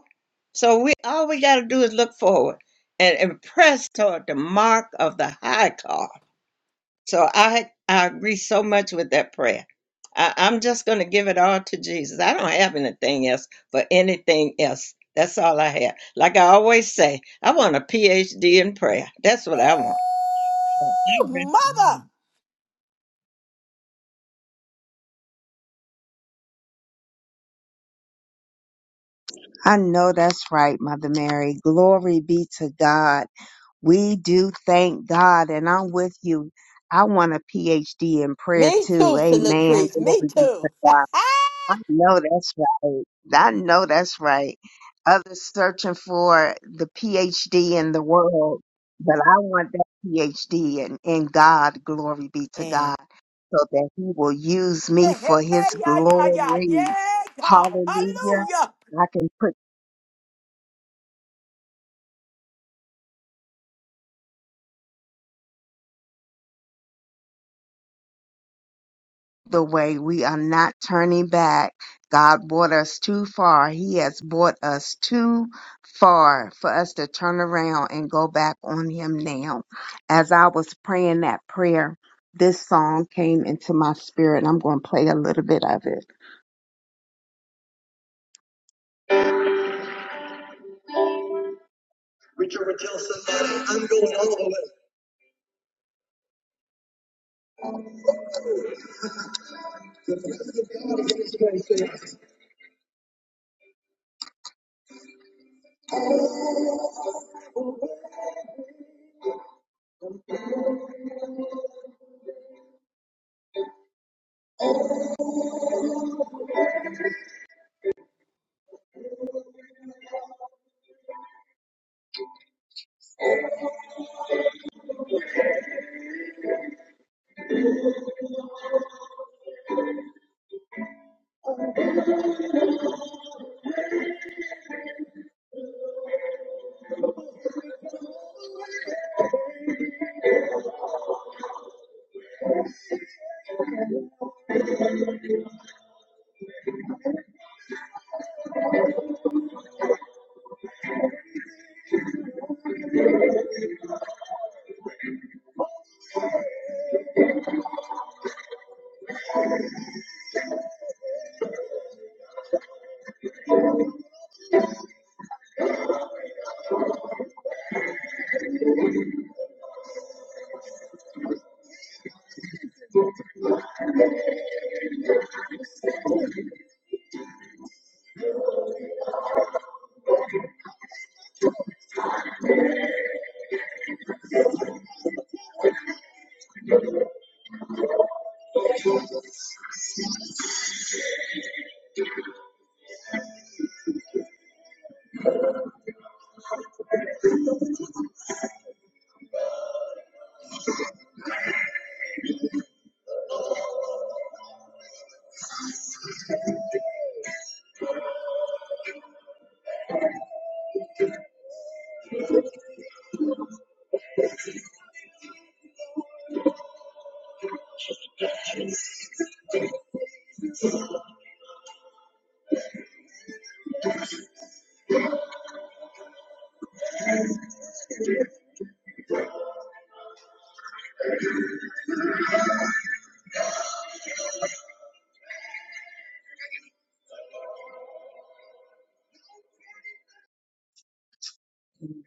Speaker 3: So we all we got to do is look forward and, and press toward the mark of the high call. So I I agree so much with that prayer. I, I'm just going to give it all to Jesus. I don't have anything else for anything else. That's all I have. Like I always say, I want a PhD in prayer. That's what I want. I
Speaker 4: Ooh, mother.
Speaker 1: I know that's right, Mother Mary. Glory be to God. We do thank God, and I'm with you. I want a PhD in prayer
Speaker 4: Me
Speaker 1: too.
Speaker 4: too, Sister
Speaker 1: Amen.
Speaker 4: Latrice. Me
Speaker 1: Glory be to
Speaker 4: too.
Speaker 1: God.
Speaker 4: and
Speaker 1: I know that's right. I know that's right. Others searching for the PhD in the world, but I want that PhD in, in God. Glory be to God.
Speaker 4: hey,
Speaker 1: So that He will use me
Speaker 4: hey,
Speaker 1: for
Speaker 4: hey,
Speaker 1: His
Speaker 4: yeah, yeah, yeah,
Speaker 1: glory.
Speaker 4: yeah, God.
Speaker 1: Hallelujah.
Speaker 4: Hallelujah.
Speaker 1: I can put the way. We are not turning back. God brought us too far. He has brought us too far for us to turn around and go back on Him now. As I was praying that prayer, this song came into my spirit. I'm going to play a little bit of it.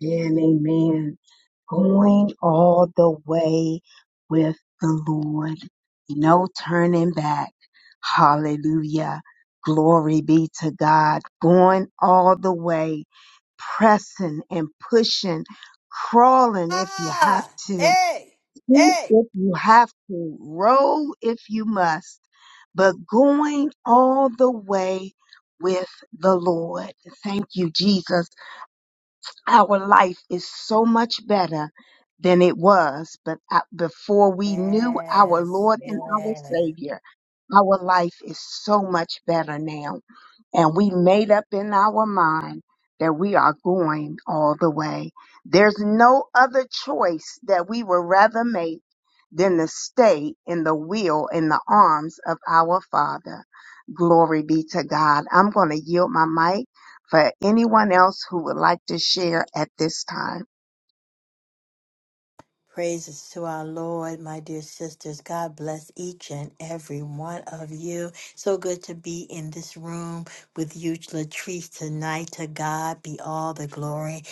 Speaker 1: Amen, amen. Going all the way with the Lord. No turning back. Hallelujah. Glory be to God. Going all the way pressing and pushing, crawling if you have
Speaker 4: Ah,
Speaker 1: to,
Speaker 4: hey,
Speaker 1: scoot
Speaker 4: hey.
Speaker 1: if you have to, roll if you must, but going all the way with the Lord. Thank you, Jesus our life is so much better than it was but uh, before we knew our
Speaker 4: Yes,
Speaker 1: lord and our
Speaker 4: yes.
Speaker 1: savior our life is so much better now and we made up in our mind that we are going all the way there's no other choice that we would rather make than to stay in the will in the arms of our father glory be to god i'm going to yield my mic for anyone else who would like to share at this time.
Speaker 4: Praises to our Lord, my dear sisters. God bless each and every one of you. So good to be in this room with you, Latrice, tonight. To God be all the glory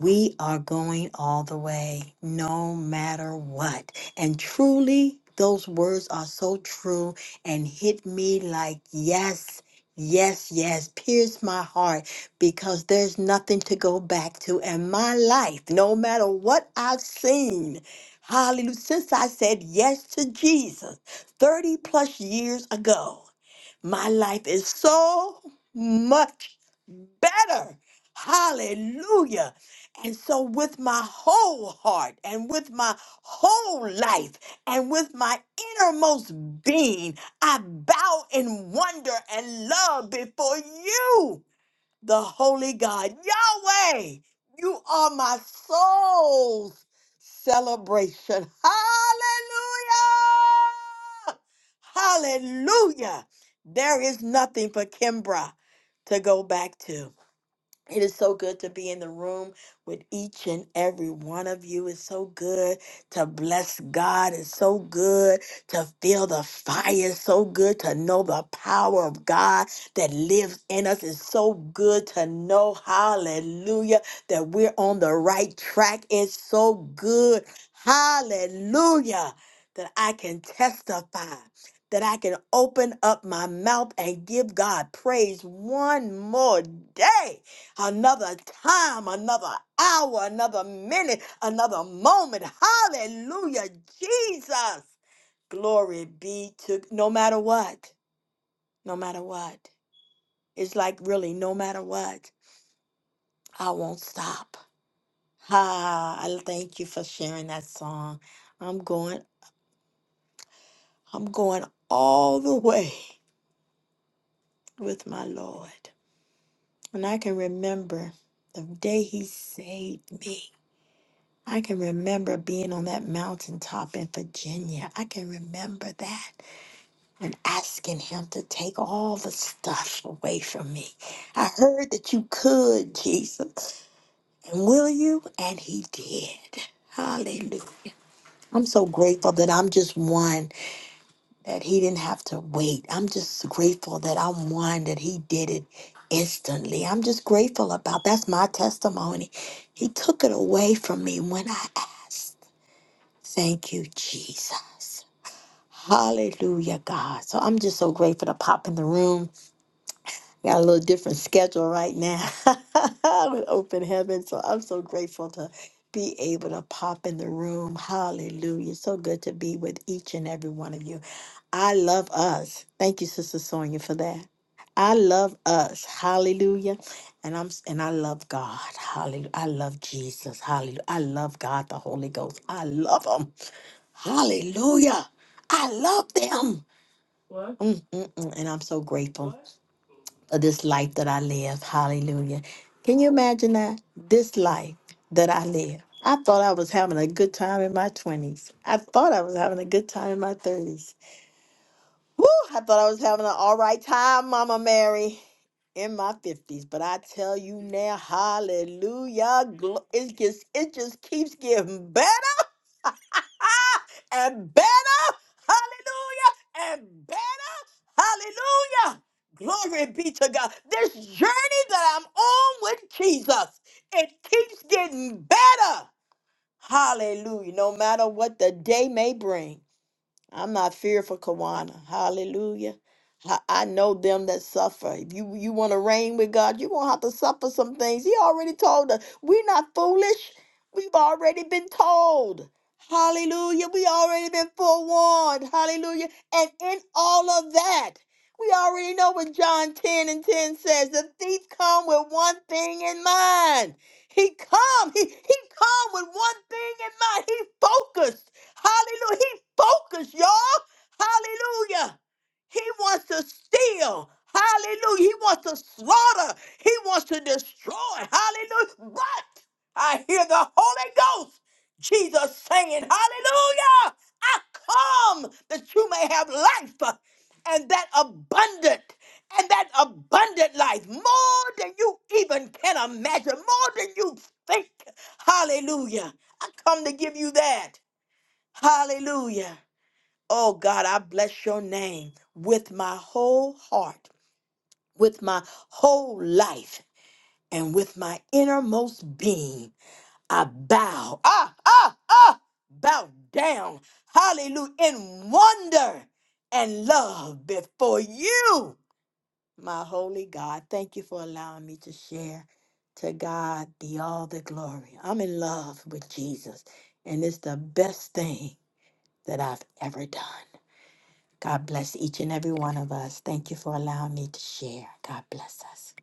Speaker 4: we are going all the way, no matter what. And truly, those words are so true and hit me like, yes, yes, yes, pierce my heart because there's nothing to go back to. And my life, no matter what I've seen, hallelujah, since I said yes to Jesus 30 plus years ago, my life is so much better. Hallelujah and so, with my whole heart and with my whole life and with my innermost being, I bow in wonder and love before you, the Holy God, Yahweh. You are my soul's celebration. Hallelujah! Hallelujah! There is nothing for Kimbra to go back to. It is so good to be in the room with each and every one of you. It's so good to bless God. It's so good to feel the fire. It's so good to know the power of God that lives in us. It's so good to know, hallelujah, that we're on the right track. It's so good, hallelujah, that I can testify. That I can open up my mouth and give God praise one more day another time, another hour, another minute, another moment. Hallelujah, Jesus. Glory be to no matter what, no matter what. It's like really, no matter what, I won't stop. Ah, I thank you for sharing that song. I'm going, I'm going all the way with my Lord. And I can remember the day he saved me. I can remember being on that mountaintop in Virginia. I can remember that and asking him to take all the stuff away from me. I heard that you could, Jesus. And will you? And he did. Hallelujah. I'm so grateful that I'm just one, that he didn't have to wait. I'm just grateful that I'm one, that he did it instantly. I'm just grateful about that's my testimony. He took it away from me when I asked. Thank you, Jesus. Hallelujah, God. So I'm just so grateful to pop in the room. Got a little different schedule right now with open heaven. So I'm so grateful to be able to pop in the room. Hallelujah. So good to be with each and every one of you. I love us. Thank you, Sister Sonia, for that. I love us. Hallelujah. And I'm s- and I love God. Hallelujah. I love Jesus. Hallelujah. I love God, the Holy Ghost. I love him. Hallelujah. I love them. What? Mm, mm, mm. And I'm so grateful What? for this life that I live. Hallelujah. Can you imagine that? This life that I live. I thought I was having a good time in my 20s. I thought I was having a good time in my 30s. Woo! I thought I was having an all right time, Mama Mary, in my 50s. But I tell you now, hallelujah. glo- It just, it just keeps getting better and better, hallelujah, and better, hallelujah. Glory be to God. This journey that I'm on with Jesus, it keeps getting better. Hallelujah. No matter what the day may bring. I'm not fearful, Kawana. Hallelujah. I I know them that suffer. If you, you want to reign with God, you're going to have to suffer some things. He already told us. We're not foolish. We've already been told. Hallelujah. We already been forewarned. Hallelujah. And in all of that, we already know what John 10 and 10 says. The thief come with one thing in mind. He come. He, he come with one thing in mind. He focused. Hallelujah. He's focused, y'all. Hallelujah. He wants to steal. Hallelujah. He wants to slaughter. He wants to destroy. Hallelujah. But I hear the Holy Ghost, Jesus saying, Hallelujah. I come that you may have life and that abundant and that abundant life more than you even can imagine, more than you think. Hallelujah. I come to give you that. Hallelujah. Oh God, I bless your name with my whole heart, with my whole life, and with my innermost being. I bow, ah, ah, ah, bow down, hallelujah, in wonder and love before you, my holy God. Thank you for allowing me to share. To God be all the glory. I'm in love with Jesus, and it's the best thing that I've ever done. God bless each and every one of us. Thank you for allowing me to share. God bless us.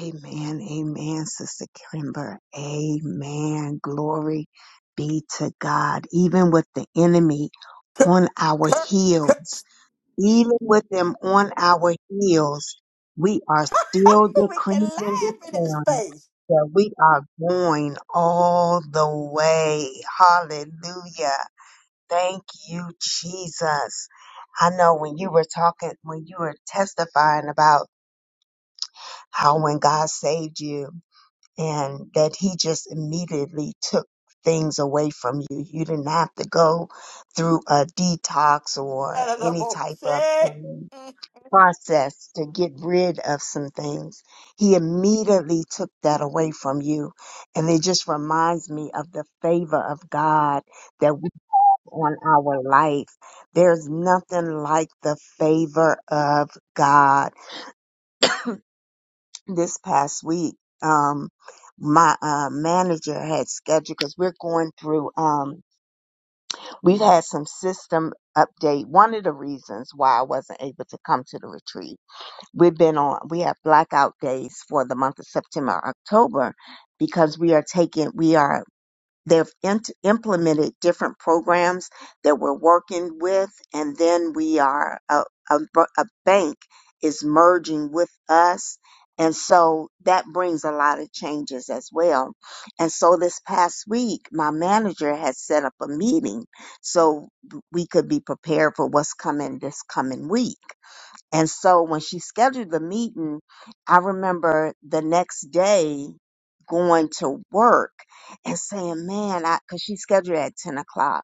Speaker 1: Amen. Amen, Sister Kimber. Amen. Glory be to God. Even with the enemy on our
Speaker 4: Kirk, Kirk,
Speaker 1: heels, even with them on our heels, we are still
Speaker 4: we can
Speaker 1: decreeing and
Speaker 4: laugh in his
Speaker 1: declaring
Speaker 4: face.
Speaker 1: that we are going all the way. Hallelujah. Thank you, Jesus. I know when you were talking, when you were testifying about how when God saved you and that He just immediately took things away from you, you didn't have to go through a detox or any type of um, process to get rid of some things. He immediately took that away from you. And it just reminds me of the favor of God that we on our life. There's nothing like the favor of God. This past week, um, my uh, manager had scheduled because we're going through. Um, we've had some system update. One of the reasons why I wasn't able to come to the retreat, we've been on. We have blackout days for the month of September, October, because we are taking. We are they've int implemented different programs that we're working with, and then we are a, a, b- a bank is merging with us. And so that brings a lot of changes as well. And so this past week, my manager has set up a meeting so we could be prepared for what's coming this coming week. And so when she scheduled the meeting, I remember the next day going to work and saying, man, I, cause she scheduled at 10 o'clock.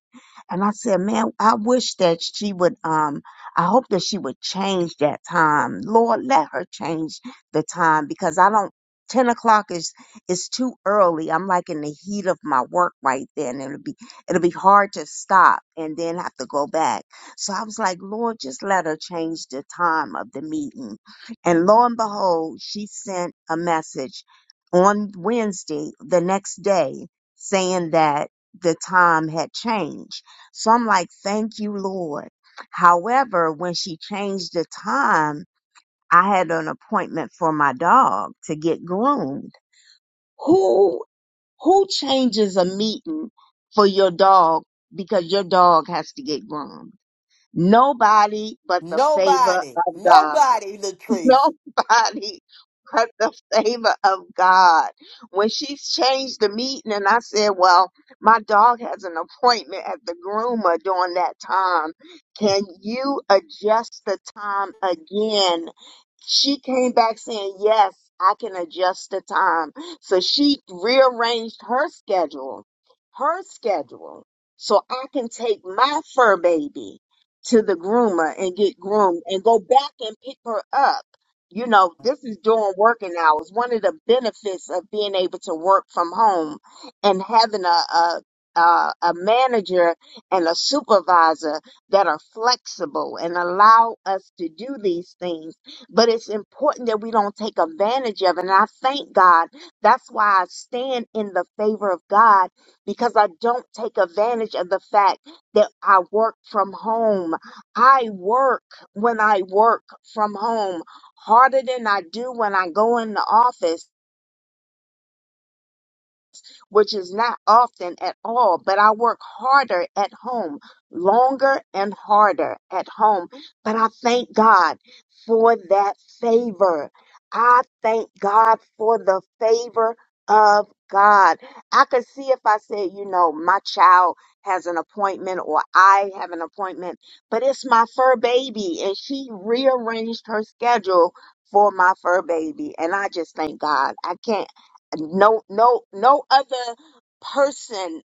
Speaker 1: And I said, man, I wish that she would, um, I hope that she would change that time. Lord, let her change the time because I don't, 10 o'clock is, is too early. I'm like in the heat of my work right then. It'll be, it'll be hard to stop and then have to go back. So I was like, Lord, just let her change the time of the meeting. And lo and behold, she sent a message on Wednesday, the next day, saying that the time had changed. So I'm like, thank you, Lord. However, when she changed the time, I had an appointment for my dog to get groomed. Who who changes a meeting for your dog because your dog has to get groomed? Nobody but the favor
Speaker 4: Nobody,
Speaker 1: of God.
Speaker 4: nobody, Latrice.
Speaker 1: nobody but the favor of God. When she changed the meeting and I said, Well, my dog has an appointment at the groomer during that time. Can you adjust the time again? She came back saying, Yes, I can adjust the time. So she rearranged her schedule, her schedule, so I can take my fur baby to the groomer and get groomed and go back and pick her up you know, this is during working hours. One of the benefits of being able to work from home and having a, a a, a manager and a supervisor that are flexible and allow us to do these things. But it's important that we don't take advantage of it. And I thank God. That's why I stand in the favor of God because I don't take advantage of the fact that I work from home. I work when I work from home harder than I do when I go in the office which is not often at all, but I work harder at home, longer and harder at home. But I thank God for that favor. I thank God for the favor of God. I could see if I said, you know, my child has an appointment or I have an appointment, but it's my fur baby and she rearranged her schedule for my fur baby. And I just thank God. I can't no no no other person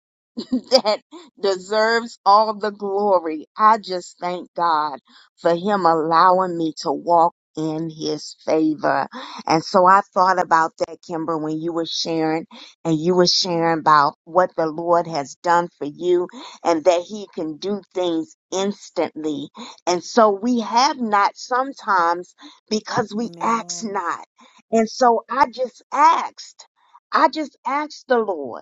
Speaker 1: that deserves all the glory. I just thank God for Him allowing me to walk in His favor. And so I thought about that, Kimber, when you were sharing and you were sharing about what the Lord has done for you and that He can do things instantly. And so we have not sometimes because we ask
Speaker 4: Amen.
Speaker 1: not. And so I just asked. I just asked the Lord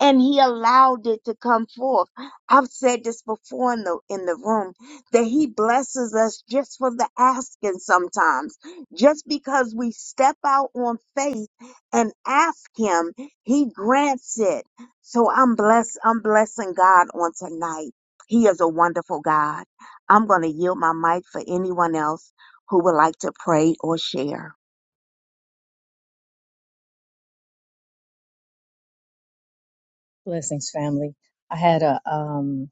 Speaker 1: and he allowed it to come forth. I've said this before in the in the room that he blesses us just for the asking sometimes. Just because we step out on faith and ask him, he grants it. So I'm blessed, I'm blessing God on tonight. He is a wonderful God. I'm gonna yield my mic for anyone else who would like to pray or share.
Speaker 5: Blessings, family. I had a, um,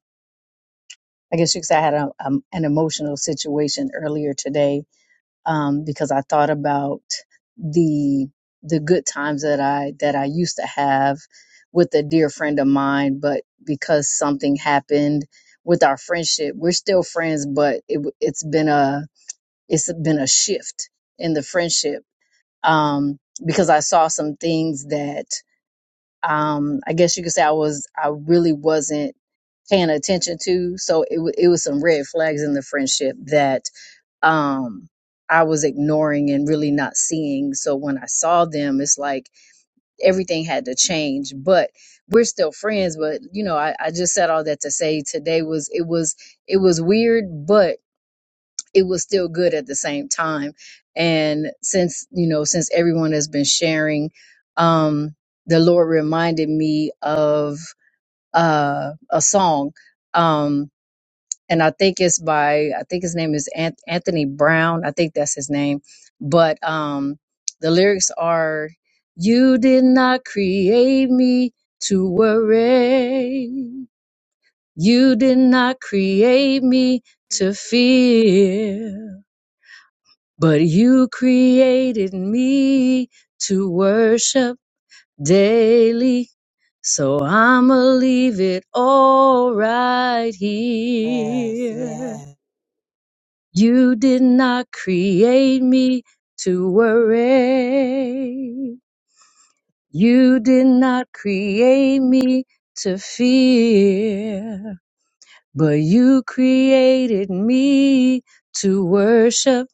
Speaker 5: I guess you could say I had a, um an emotional situation earlier today um, because I thought about the the good times that I that I used to have with a dear friend of mine, but because something happened with our friendship, we're still friends, but it, w- it's been a it's been a shift in the friendship um, because I saw some things that um, I guess you could say I was I really wasn't paying attention to. So it, wa- it was some red flags in the friendship that um, I was ignoring and really not seeing. So when I saw them, it's like everything had to change. But we're still friends. But you know, I, I just said all that to say today was it was it was weird, but it was still good at the same time. And since you know, since everyone has been sharing, um, the Lord reminded me of uh, a song. Um, and I think it's by I think his name is Ant- Anthony Brown. I think that's his name. But um the lyrics are you did not create me to worry. You did not create me to fear, but you created me to worship daily. So I'ma leave it all right
Speaker 4: Yes,
Speaker 5: here.
Speaker 4: yes.
Speaker 5: You did not create me to worry. You did not create me to fear. But you created me to worship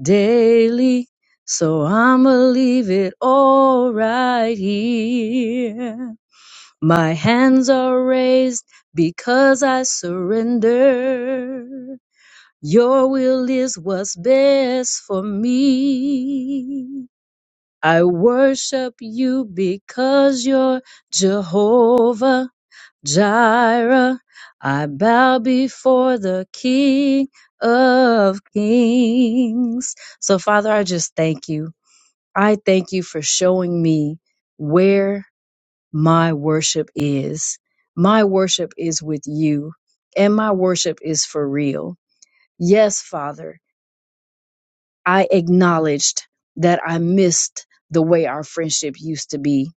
Speaker 5: daily. So I'ma leave it all right here. My hands are raised because I surrender. Your will is what's best for me. I worship you because you're Jehovah Jireh. I bow before the King of Kings. So, Father, I just thank you. I thank you for showing me where my worship is. My worship is with you, and my worship is for real. Yes, Father. I acknowledged that I missed the way our friendship used to be.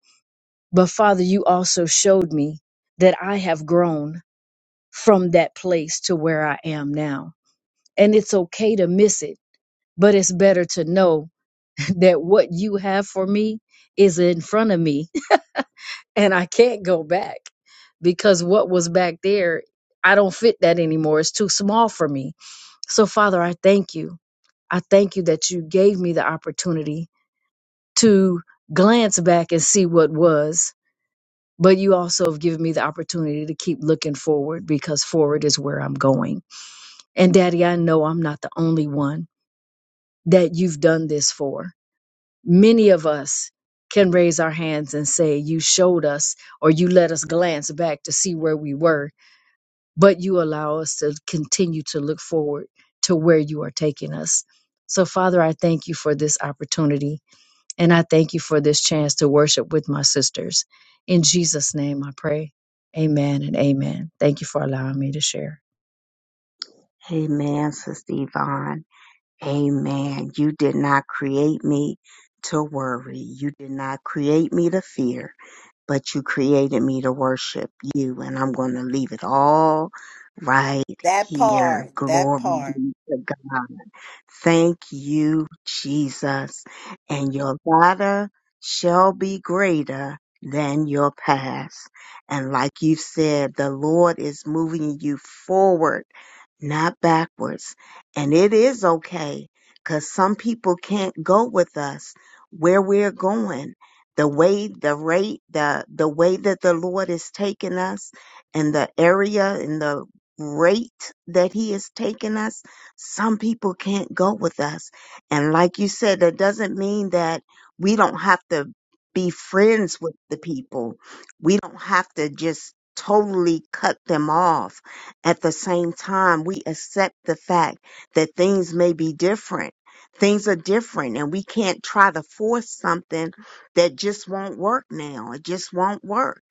Speaker 5: But Father, you also showed me that I have grown from that place to where I am now. And it's okay to miss it, but it's better to know that what you have for me is in front of me and I can't go back because what was back there, I don't fit that anymore. It's too small for me. So, Father, I thank you. I thank you that you gave me the opportunity to glance back and see what was, but you also have given me the opportunity to keep looking forward because forward is where I'm going. And Daddy, I know I'm not the only one that you've done this for. Many of us can raise our hands and say, You showed us, or you let us glance back to see where we were, but you allow us to continue to look forward to where you are taking us. So, Father, I thank you for this opportunity And I thank you for this chance to worship with my sisters. In Jesus' name I pray. Amen and amen. Thank you for allowing me to share.
Speaker 1: Amen, Sister Yvonne. Amen. You did not create me to worry. You did not create me to fear but you created me to worship you, and I'm going to leave it all right
Speaker 4: That
Speaker 1: here.
Speaker 4: part, that
Speaker 1: Glory
Speaker 4: part.
Speaker 1: be to God. Thank you, Jesus. And your latter shall be greater than your past. And like you said, the Lord is moving you forward, not backwards. And it is okay because some people can't go with us where we're going the way the rate the the way that the Lord is taking us and the area and the rate that he is taking us some people can't go with us and like you said that doesn't mean that we don't have to be friends with the people we don't have to just totally cut them off at the same time we accept the fact that things may be different things are different and we can't try to force something that just won't work now. It just won't work.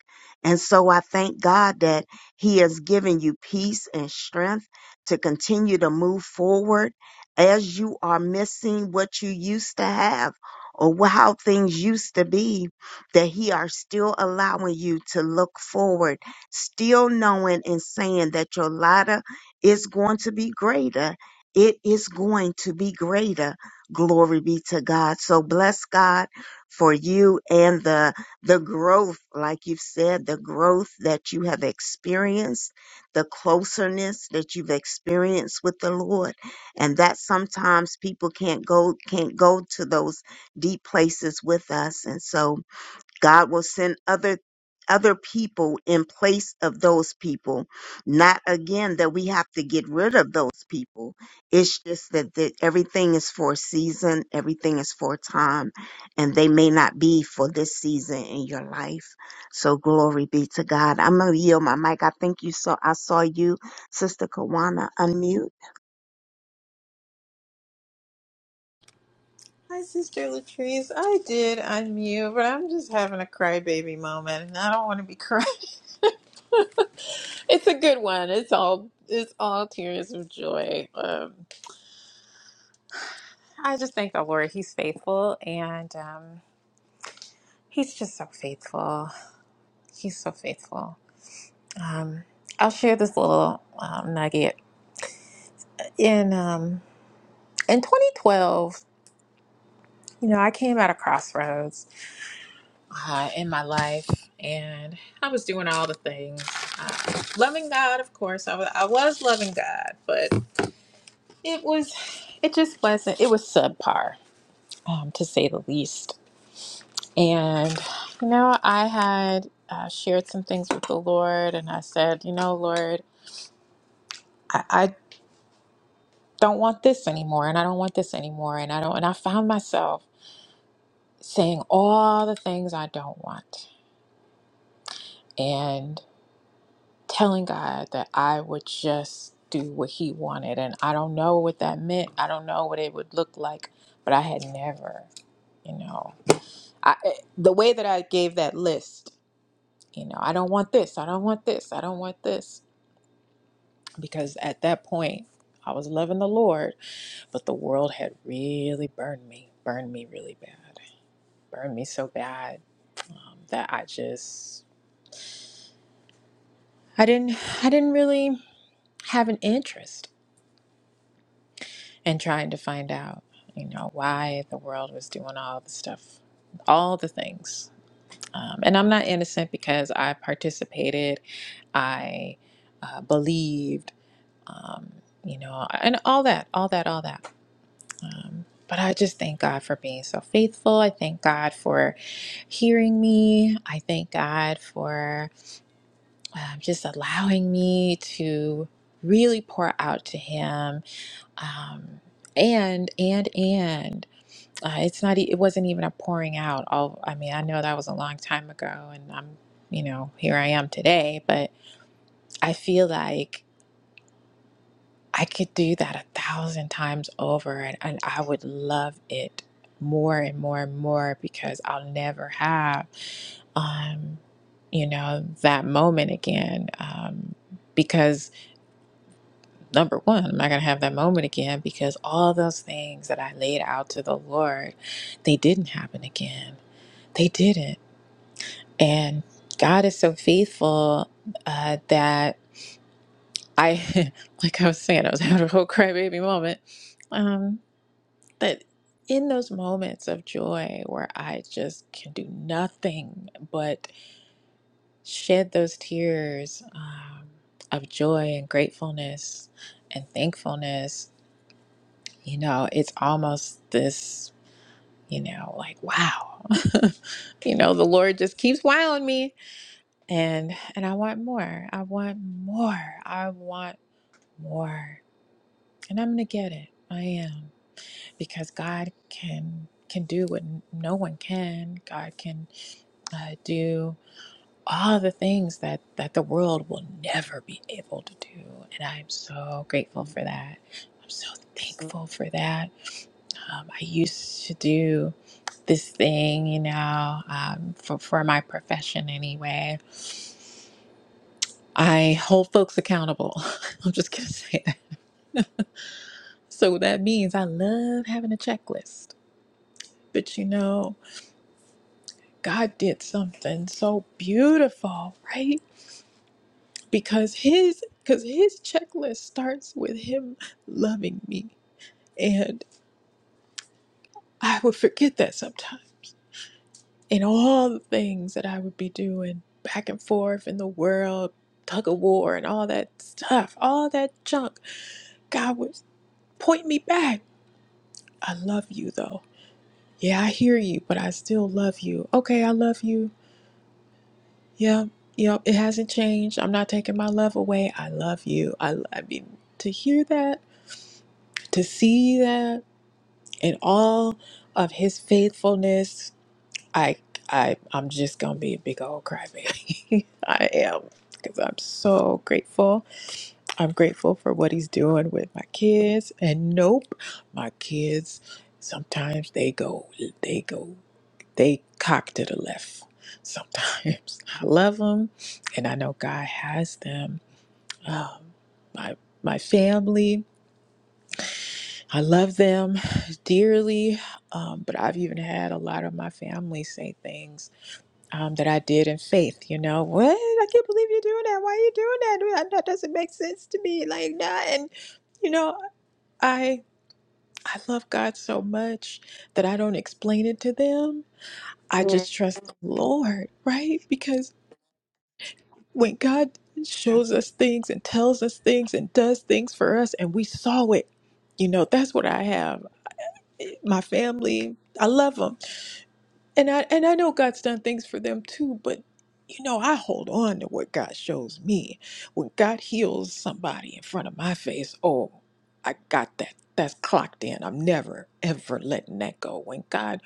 Speaker 1: And so I thank God that He has given you peace and strength to continue to move forward as you are missing what you used to have or wh- how things used to be, that He are still allowing you to look forward, still knowing and saying that your ladder is going to be greater. It is going to be greater. Glory be to God. So bless God for you and the the growth, like you've said, the growth that you have experienced, the closeness that you've experienced with the Lord. And that sometimes people can't go can't go to those deep places with us. And so God will send other other people in place of those people. Not again that we have to get rid of those people. It's just that, that everything is for a season, everything is for a time, and they may not be for this season in your life. So glory be to God. I'm gonna yield my mic. I think you saw I saw you, Sister Kawana, unmute.
Speaker 6: Hi, Sister Latrice. I did unmute, but I'm just having a crybaby moment, and I don't want to be crying. it's a good one. It's all it's all tears of joy. Um, I just thank the Lord. He's faithful, and um, He's just so faithful. He's so faithful. Um, I'll share this little um, nugget in um, in 2012. You know, I came at a crossroads uh, in my life, and I was doing all the things. Uh, loving God, of course, I was, I was loving God, but it was, it just wasn't, it was subpar, um, to say the least. And, you know, I had uh, shared some things with the Lord, and I said, you know, Lord, I, I don't want this anymore, and I don't want this anymore, and I don't, and I found myself saying all the things I don't want. and. telling God that I would just do what He wanted. And I don't know what that meant. I don't know what it would look like, but I had never, you know, I, eh, the way that I gave that list, you know, I don't want this, I don't want this, I don't want this. Because at that point, I was loving the Lord, but the world had really burned me, burned me really bad, burned me so bad um, that I just, I didn't, I didn't really have an interest. and trying to find out, you know, why the world was doing all the stuff, all the things. Um, and I'm not innocent because I participated, I uh, believed, um, you know, and all that, all that, all that. Um, but I just thank God for being so faithful. I thank God for hearing me. I thank God for um, just allowing me to really pour out to Him. Um, and, and, and. uh, it's not e- it wasn't even a pouring out all i mean i know that was a long time ago and i'm you know here i am today but i feel like i could do that a thousand times over and, and i would love it more and more and more because i'll never have um you know that moment again um because number one i'm not going to have that moment again because all those things that i laid out to the lord they didn't happen again they didn't And God is so faithful uh, that I, like I was saying, I was having a whole crybaby moment. Um, that in those moments of joy where I just can do nothing but shed those tears um, of joy and gratefulness and thankfulness, you know, it's almost this, you know, like, wow, you know, the Lord just keeps wowing me and and I want more. I want more. I want more. And I'm going to get it. I am because God can can do what n- no one can. God can uh, do all the things that that the world will never be able to do, and I'm so grateful for that. I'm so thankful for that. Um, I used to do this thing, you know, um, for for my profession anyway I hold folks accountable. I'm just going to say that. So that means I love having a checklist. But you know, God did something so beautiful, right? Because his because his checklist starts with him loving me. And I would forget that sometimes. And all the things that I would be doing back and forth in the world, tug of war and all that stuff, all that junk, God would point me back. I love you though. Yeah, I hear you, but I still love you. Okay, I love you. Yep, yep, it hasn't changed. I'm not taking my love away. I love you. I, I mean, to hear that, to see that, and all of his faithfulness, I, I, I'm just gonna be a big old crybaby. I am, because I'm so grateful. I'm grateful for what he's doing with my kids. And nope, my kids sometimes they go, they go. they cock to the left sometimes. I love them, and I know God has them. Um, my my family, I love them dearly, um, but I've even had a lot of my family say things um, that I did in faith. You know, what? I can't believe you're doing that. Why are you doing that? That doesn't make sense to me. Like that, and you know, I I love God so much that I don't explain it to them. I just trust the Lord, right? Because when God shows us things and tells us things and does things for us and we saw it, you know, that's what I have. My family, I love them. And I and I know God's done things for them too, but you know, I hold on to what God shows me. When God heals somebody in front of my face, oh, I got that. That's clocked in. I'm never ever letting that go. When God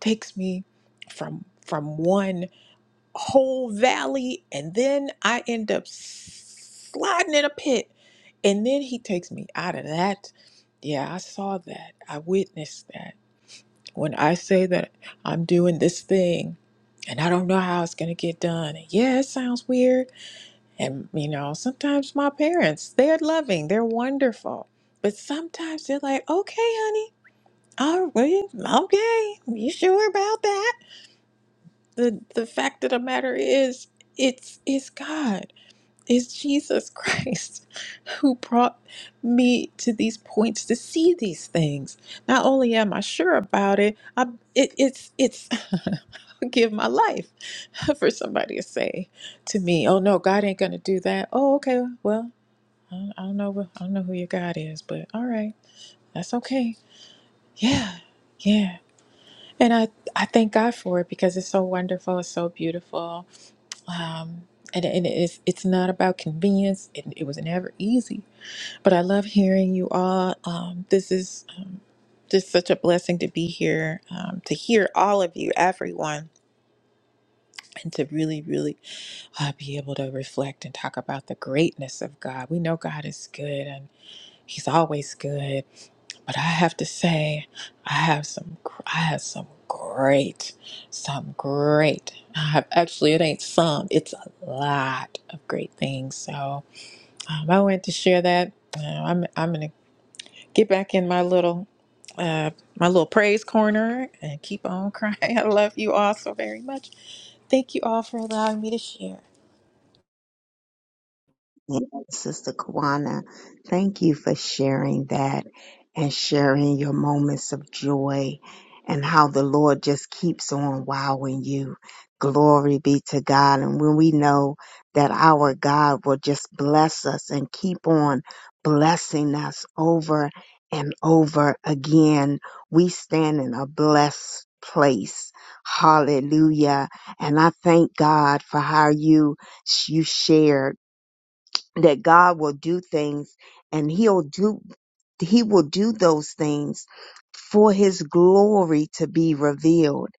Speaker 6: takes me from from one whole valley and then I end up sliding in a pit. And then he takes me out of that. Yeah, I saw that. I witnessed that. When I say that I'm doing this thing and I don't know how it's going to get done. Yeah, it sounds weird. And, you know, sometimes my parents, they're loving, they're wonderful. But sometimes they're like, okay, honey, all right, okay, you sure about that? the the fact of the matter is it's it's God. It's Jesus Christ who brought me to these points to see these things. Not only am I sure about it, I it, it's it's I'll give my life for somebody to say to me, "Oh no, God ain't gonna do that." Oh, okay, well, I don't, I don't know, wh- I don't know who your God is, but all right, that's okay. Yeah, yeah, and I I thank God for it because it's so wonderful, it's so beautiful, um, and, and it's it's not about convenience. It, it was never easy, but I love hearing you all. Um, this is um, just such a blessing to be here, um, to hear all of you, everyone, and to really, really uh, be able to reflect and talk about the greatness of God. We know God is good, and He's always good, but I have to say, I have some, gr- I have some great, some great. I have actually, it ain't some, it's a lot of great things. So um, I wanted to share that. Uh, I'm, I'm gonna get back in my little, uh, my little praise corner and keep on crying. I love you all so very much. Thank you all for allowing me to share.
Speaker 1: Yes, Sister Kawana, thank you for sharing that and sharing your moments of joy and how the Lord just keeps on wowing you. Glory be to God. And when we know that our God will just bless us and keep on blessing us over and over again, we stand in a blessed place. Hallelujah. And I thank God for how you you shared that God will do things and he'll do he will do those things for his glory to be revealed.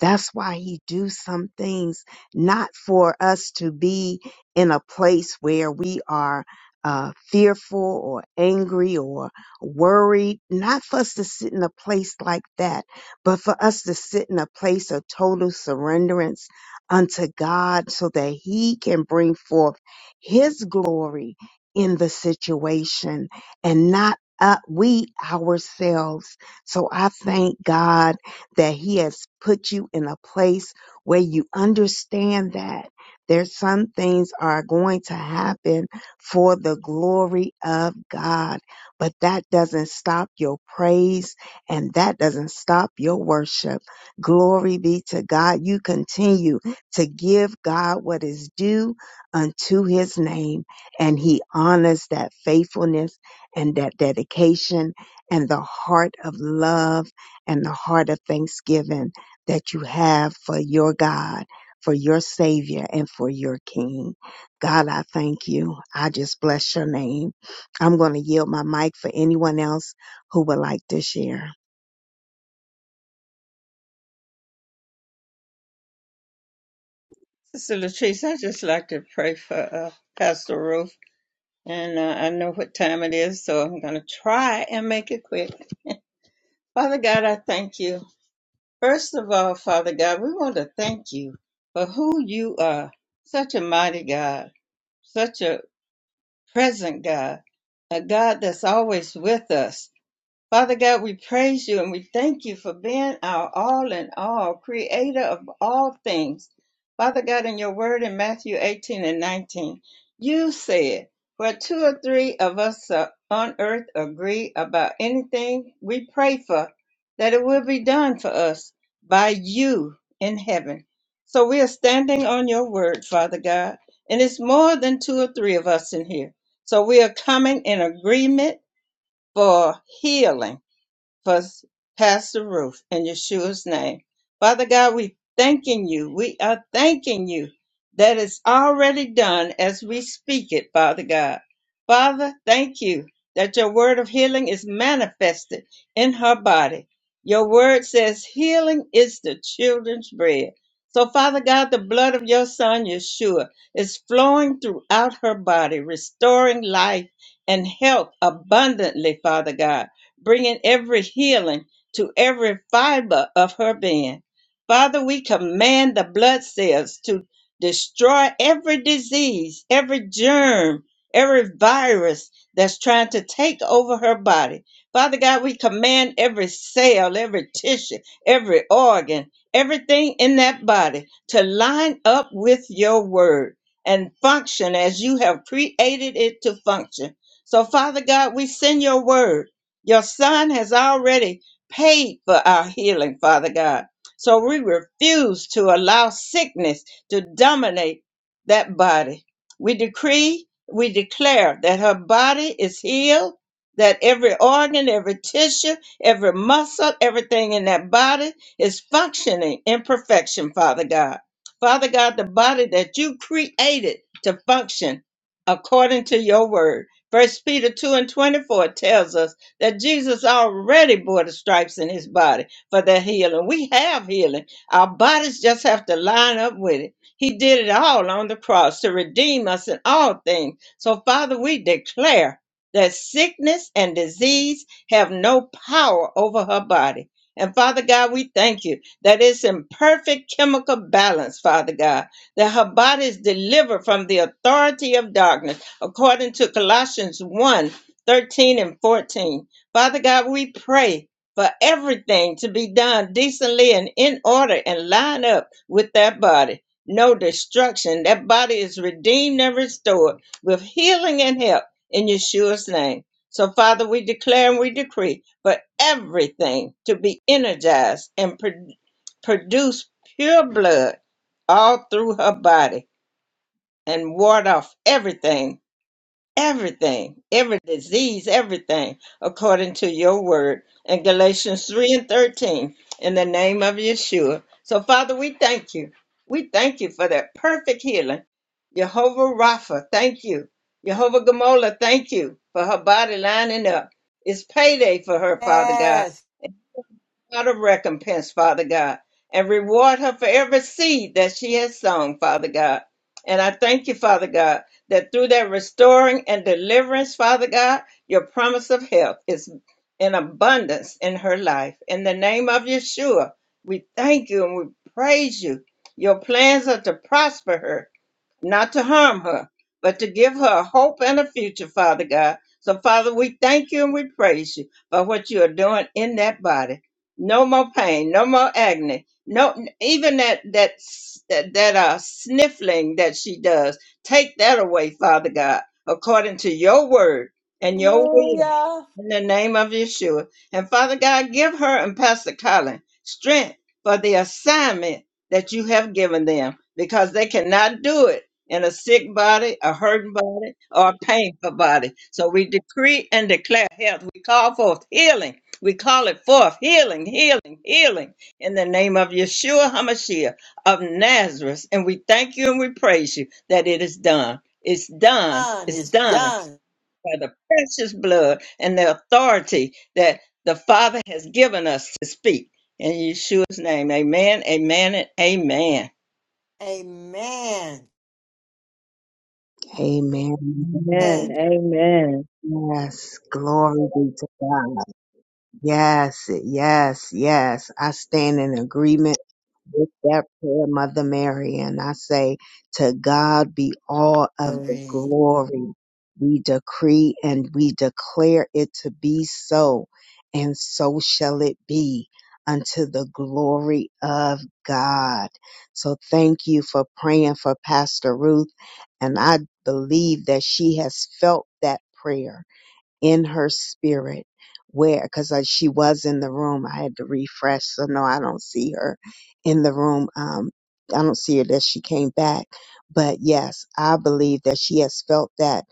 Speaker 1: That's why he do some things not for us to be in a place where we are uh, fearful or angry or worried, not for us to sit in a place like that, but for us to sit in a place of total surrenderance unto God so that he can bring forth his glory in the situation and not uh, we ourselves. So I thank God that he has put you in a place where you understand that there's some things are going to happen for the glory of God, but that doesn't stop your praise and that doesn't stop your worship. Glory be to God. You continue to give God what is due unto his name and he honors that faithfulness and that dedication and the heart of love and the heart of thanksgiving that you have for your God, for your Savior, and for your King. God, I thank you. I just bless your name. I'm going to yield my mic for anyone else who would like to share.
Speaker 3: Sister Latrice, I just like to pray for uh, Pastor Ruth, and uh, I know what time it is, so I'm going to try and make it quick. Father God, I thank you. First of all, Father God, we want to thank you for who you are. Such a mighty God, such a present God, a God that's always with us. Father God, we praise you and we thank you for being our all in all, creator of all things. Father God, in your word in Matthew 18 and 19, you said, Where two or three of us are on earth agree about anything we pray for, that it will be done for us by you in heaven. So we are standing on your word, Father God, and it's more than two or three of us in here. So we are coming in agreement for healing us past the roof in Yeshua's name. Father God, we thanking you. We are thanking you that it's already done as we speak it, Father God. Father, thank you that your word of healing is manifested in her body. Your word says healing is the children's bread. So, Father God, the blood of your son, Yeshua, is flowing throughout her body, restoring life and health abundantly, Father God bringing every healing to every fiber of her being. Father, we command the blood cells to destroy every disease, every germ, every virus that's trying to take over her body. Father God, we command every cell, every tissue, every organ, everything in that body to line up with your word and function as you have created it to function. So, Father God, we send your word your son has already paid for our healing, Father God. So we refuse to allow sickness to dominate that body. We decree, we declare that her body is healed, that every organ, every tissue, every muscle, everything in that body is functioning in perfection, Father God. Father God, the body that you created to function according to your word. First Peter 2 and 24 tells us that Jesus already bore the stripes in his body for their healing. We have healing. Our bodies just have to line up with it. He did it all on the cross to redeem us in all things. So, Father, we declare that sickness and disease have no power over her body. And Father God, we thank you that it's in perfect chemical balance, Father God, that her body is delivered from the authority of darkness, according to Colossians one 13 and 14. Father God, we pray for everything to be done decently and in order and line up with that body. No destruction. That body is redeemed and restored with healing and help in Yeshua's name. So, Father, we declare and we decree for everything to be energized and pro- produce pure blood all through her body and ward off everything everything, every disease, everything, according to your word in Galatians 3 and 13, in the name of Yeshua. So, Father, we thank you. We thank you for that perfect healing. Jehovah Rapha, thank you. Jehovah Gamola, thank you for her body lining up. It's payday for her, Father God
Speaker 4: Yes.
Speaker 3: out of recompense, Father God, and reward her for every seed that she has sown, Father God. And I thank you, Father God, that through that restoring and deliverance, Father God, your promise of help is in abundance in her life. In the name of Yeshua, we thank you and we praise you. Your plans are to prosper her not to harm her, but to give her hope and a future, Father God. So, Father, we thank you and we praise you for what you are doing in that body. No more pain, no more agony, no even that that s- that, that uh, sniffling that she does. Take that away, Father God, according to your word and your will
Speaker 4: Hallelujah.
Speaker 3: in the name of Yeshua. And Father God, give her and Pastor Colin strength for the assignment that you have given them because they cannot do it in a sick body, a hurting body, or a painful body. So we decree and declare health. We call forth healing. We call it forth healing, healing, healing in the name of Yeshua HaMashiach of Nazareth. And we thank you and we praise you that it is done. It's done.
Speaker 4: Done
Speaker 3: It's
Speaker 4: is
Speaker 3: done
Speaker 4: done.
Speaker 3: by the precious blood and the authority that the Father has given us to speak. In Yeshua's name, amen, amen, and amen.
Speaker 4: Amen.
Speaker 1: Amen.
Speaker 5: Amen.
Speaker 4: And
Speaker 5: Amen.
Speaker 1: Yes. Glory be to God. Yes. Yes. Yes. I stand in agreement with that prayer, Mother Mary, and I say, To God be all of the
Speaker 4: glory.
Speaker 1: glory. We decree and we declare it to be so, and so shall it be unto the glory of God. So thank you for praying for Pastor Ruth, and I believe that she has felt that prayer in her spirit where because she was in the room i had to refresh so no i don't see her in the room um i don't see her that she came back but yes i believe that she has felt that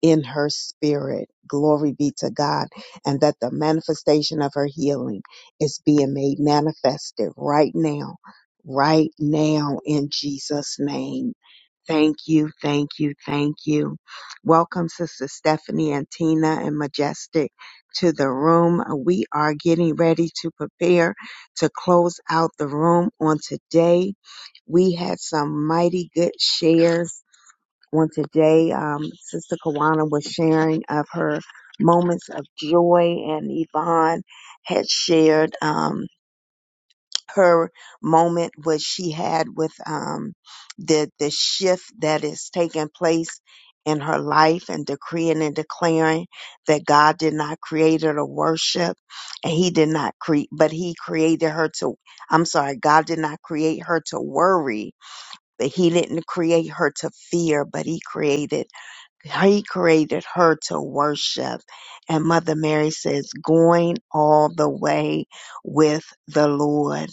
Speaker 1: in her spirit glory be to god and that the manifestation of her healing is being made manifested right now right now in jesus name Thank you, thank you, thank you. Welcome, Sister Stephanie and Tina and Majestic to the room. We are getting ready to prepare to close out the room on today. We had some mighty good shares on today. Um, Sister Kawana was sharing of her moments of joy, and Yvonne had shared. Um, her moment what she had with um the the shift that is taking place in her life and decreeing and declaring that God did not create her to worship and he did not create but he created her to I'm sorry God did not create her to worry but he didn't create her to fear but he created he created her to worship. And Mother Mary says, going all the way with the Lord.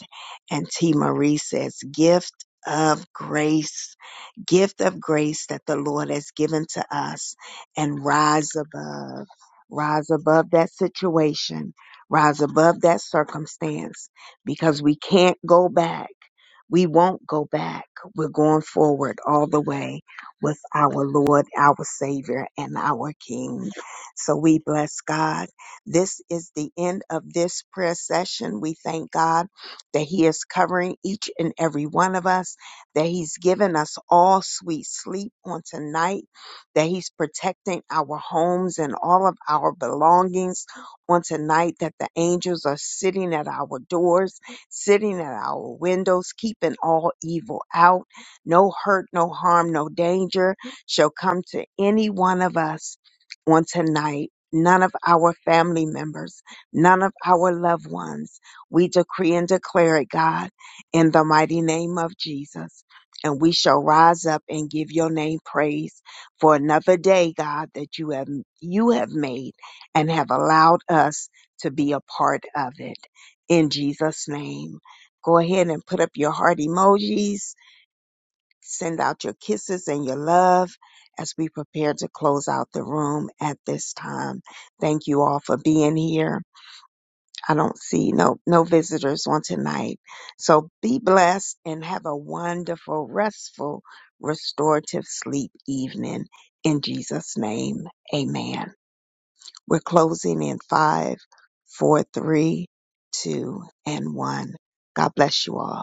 Speaker 1: And T. Marie says, gift of grace, gift of grace that the Lord has given to us and rise above, rise above that situation, rise above that circumstance because we can't go back. We won't go back. We're going forward all the way with our Lord, our Savior, and our King. So we bless God. This is the end of this prayer session. We thank God that He is covering each and every one of us, that He's given us all sweet sleep on tonight, that He's protecting our homes and all of our belongings on tonight, that the angels are sitting at our doors, sitting at our windows, keeping all evil out no hurt, no harm, no danger shall come to any one of us on tonight. None of our family members, none of our loved ones. We decree and declare it, God, in the mighty name of Jesus. And we shall rise up and give your name praise for another day, God, that you have, you have made and have allowed us to be a part of it. In Jesus' name. Go ahead and put up your heart emojis Send out your kisses and your love as we prepare to close out the room at this time. Thank you all for being here. I don't see no no visitors on tonight. So be blessed and have a wonderful, restful, restorative sleep evening. In Jesus' name, amen. We're closing in five, four, three, two, and one. God bless you all.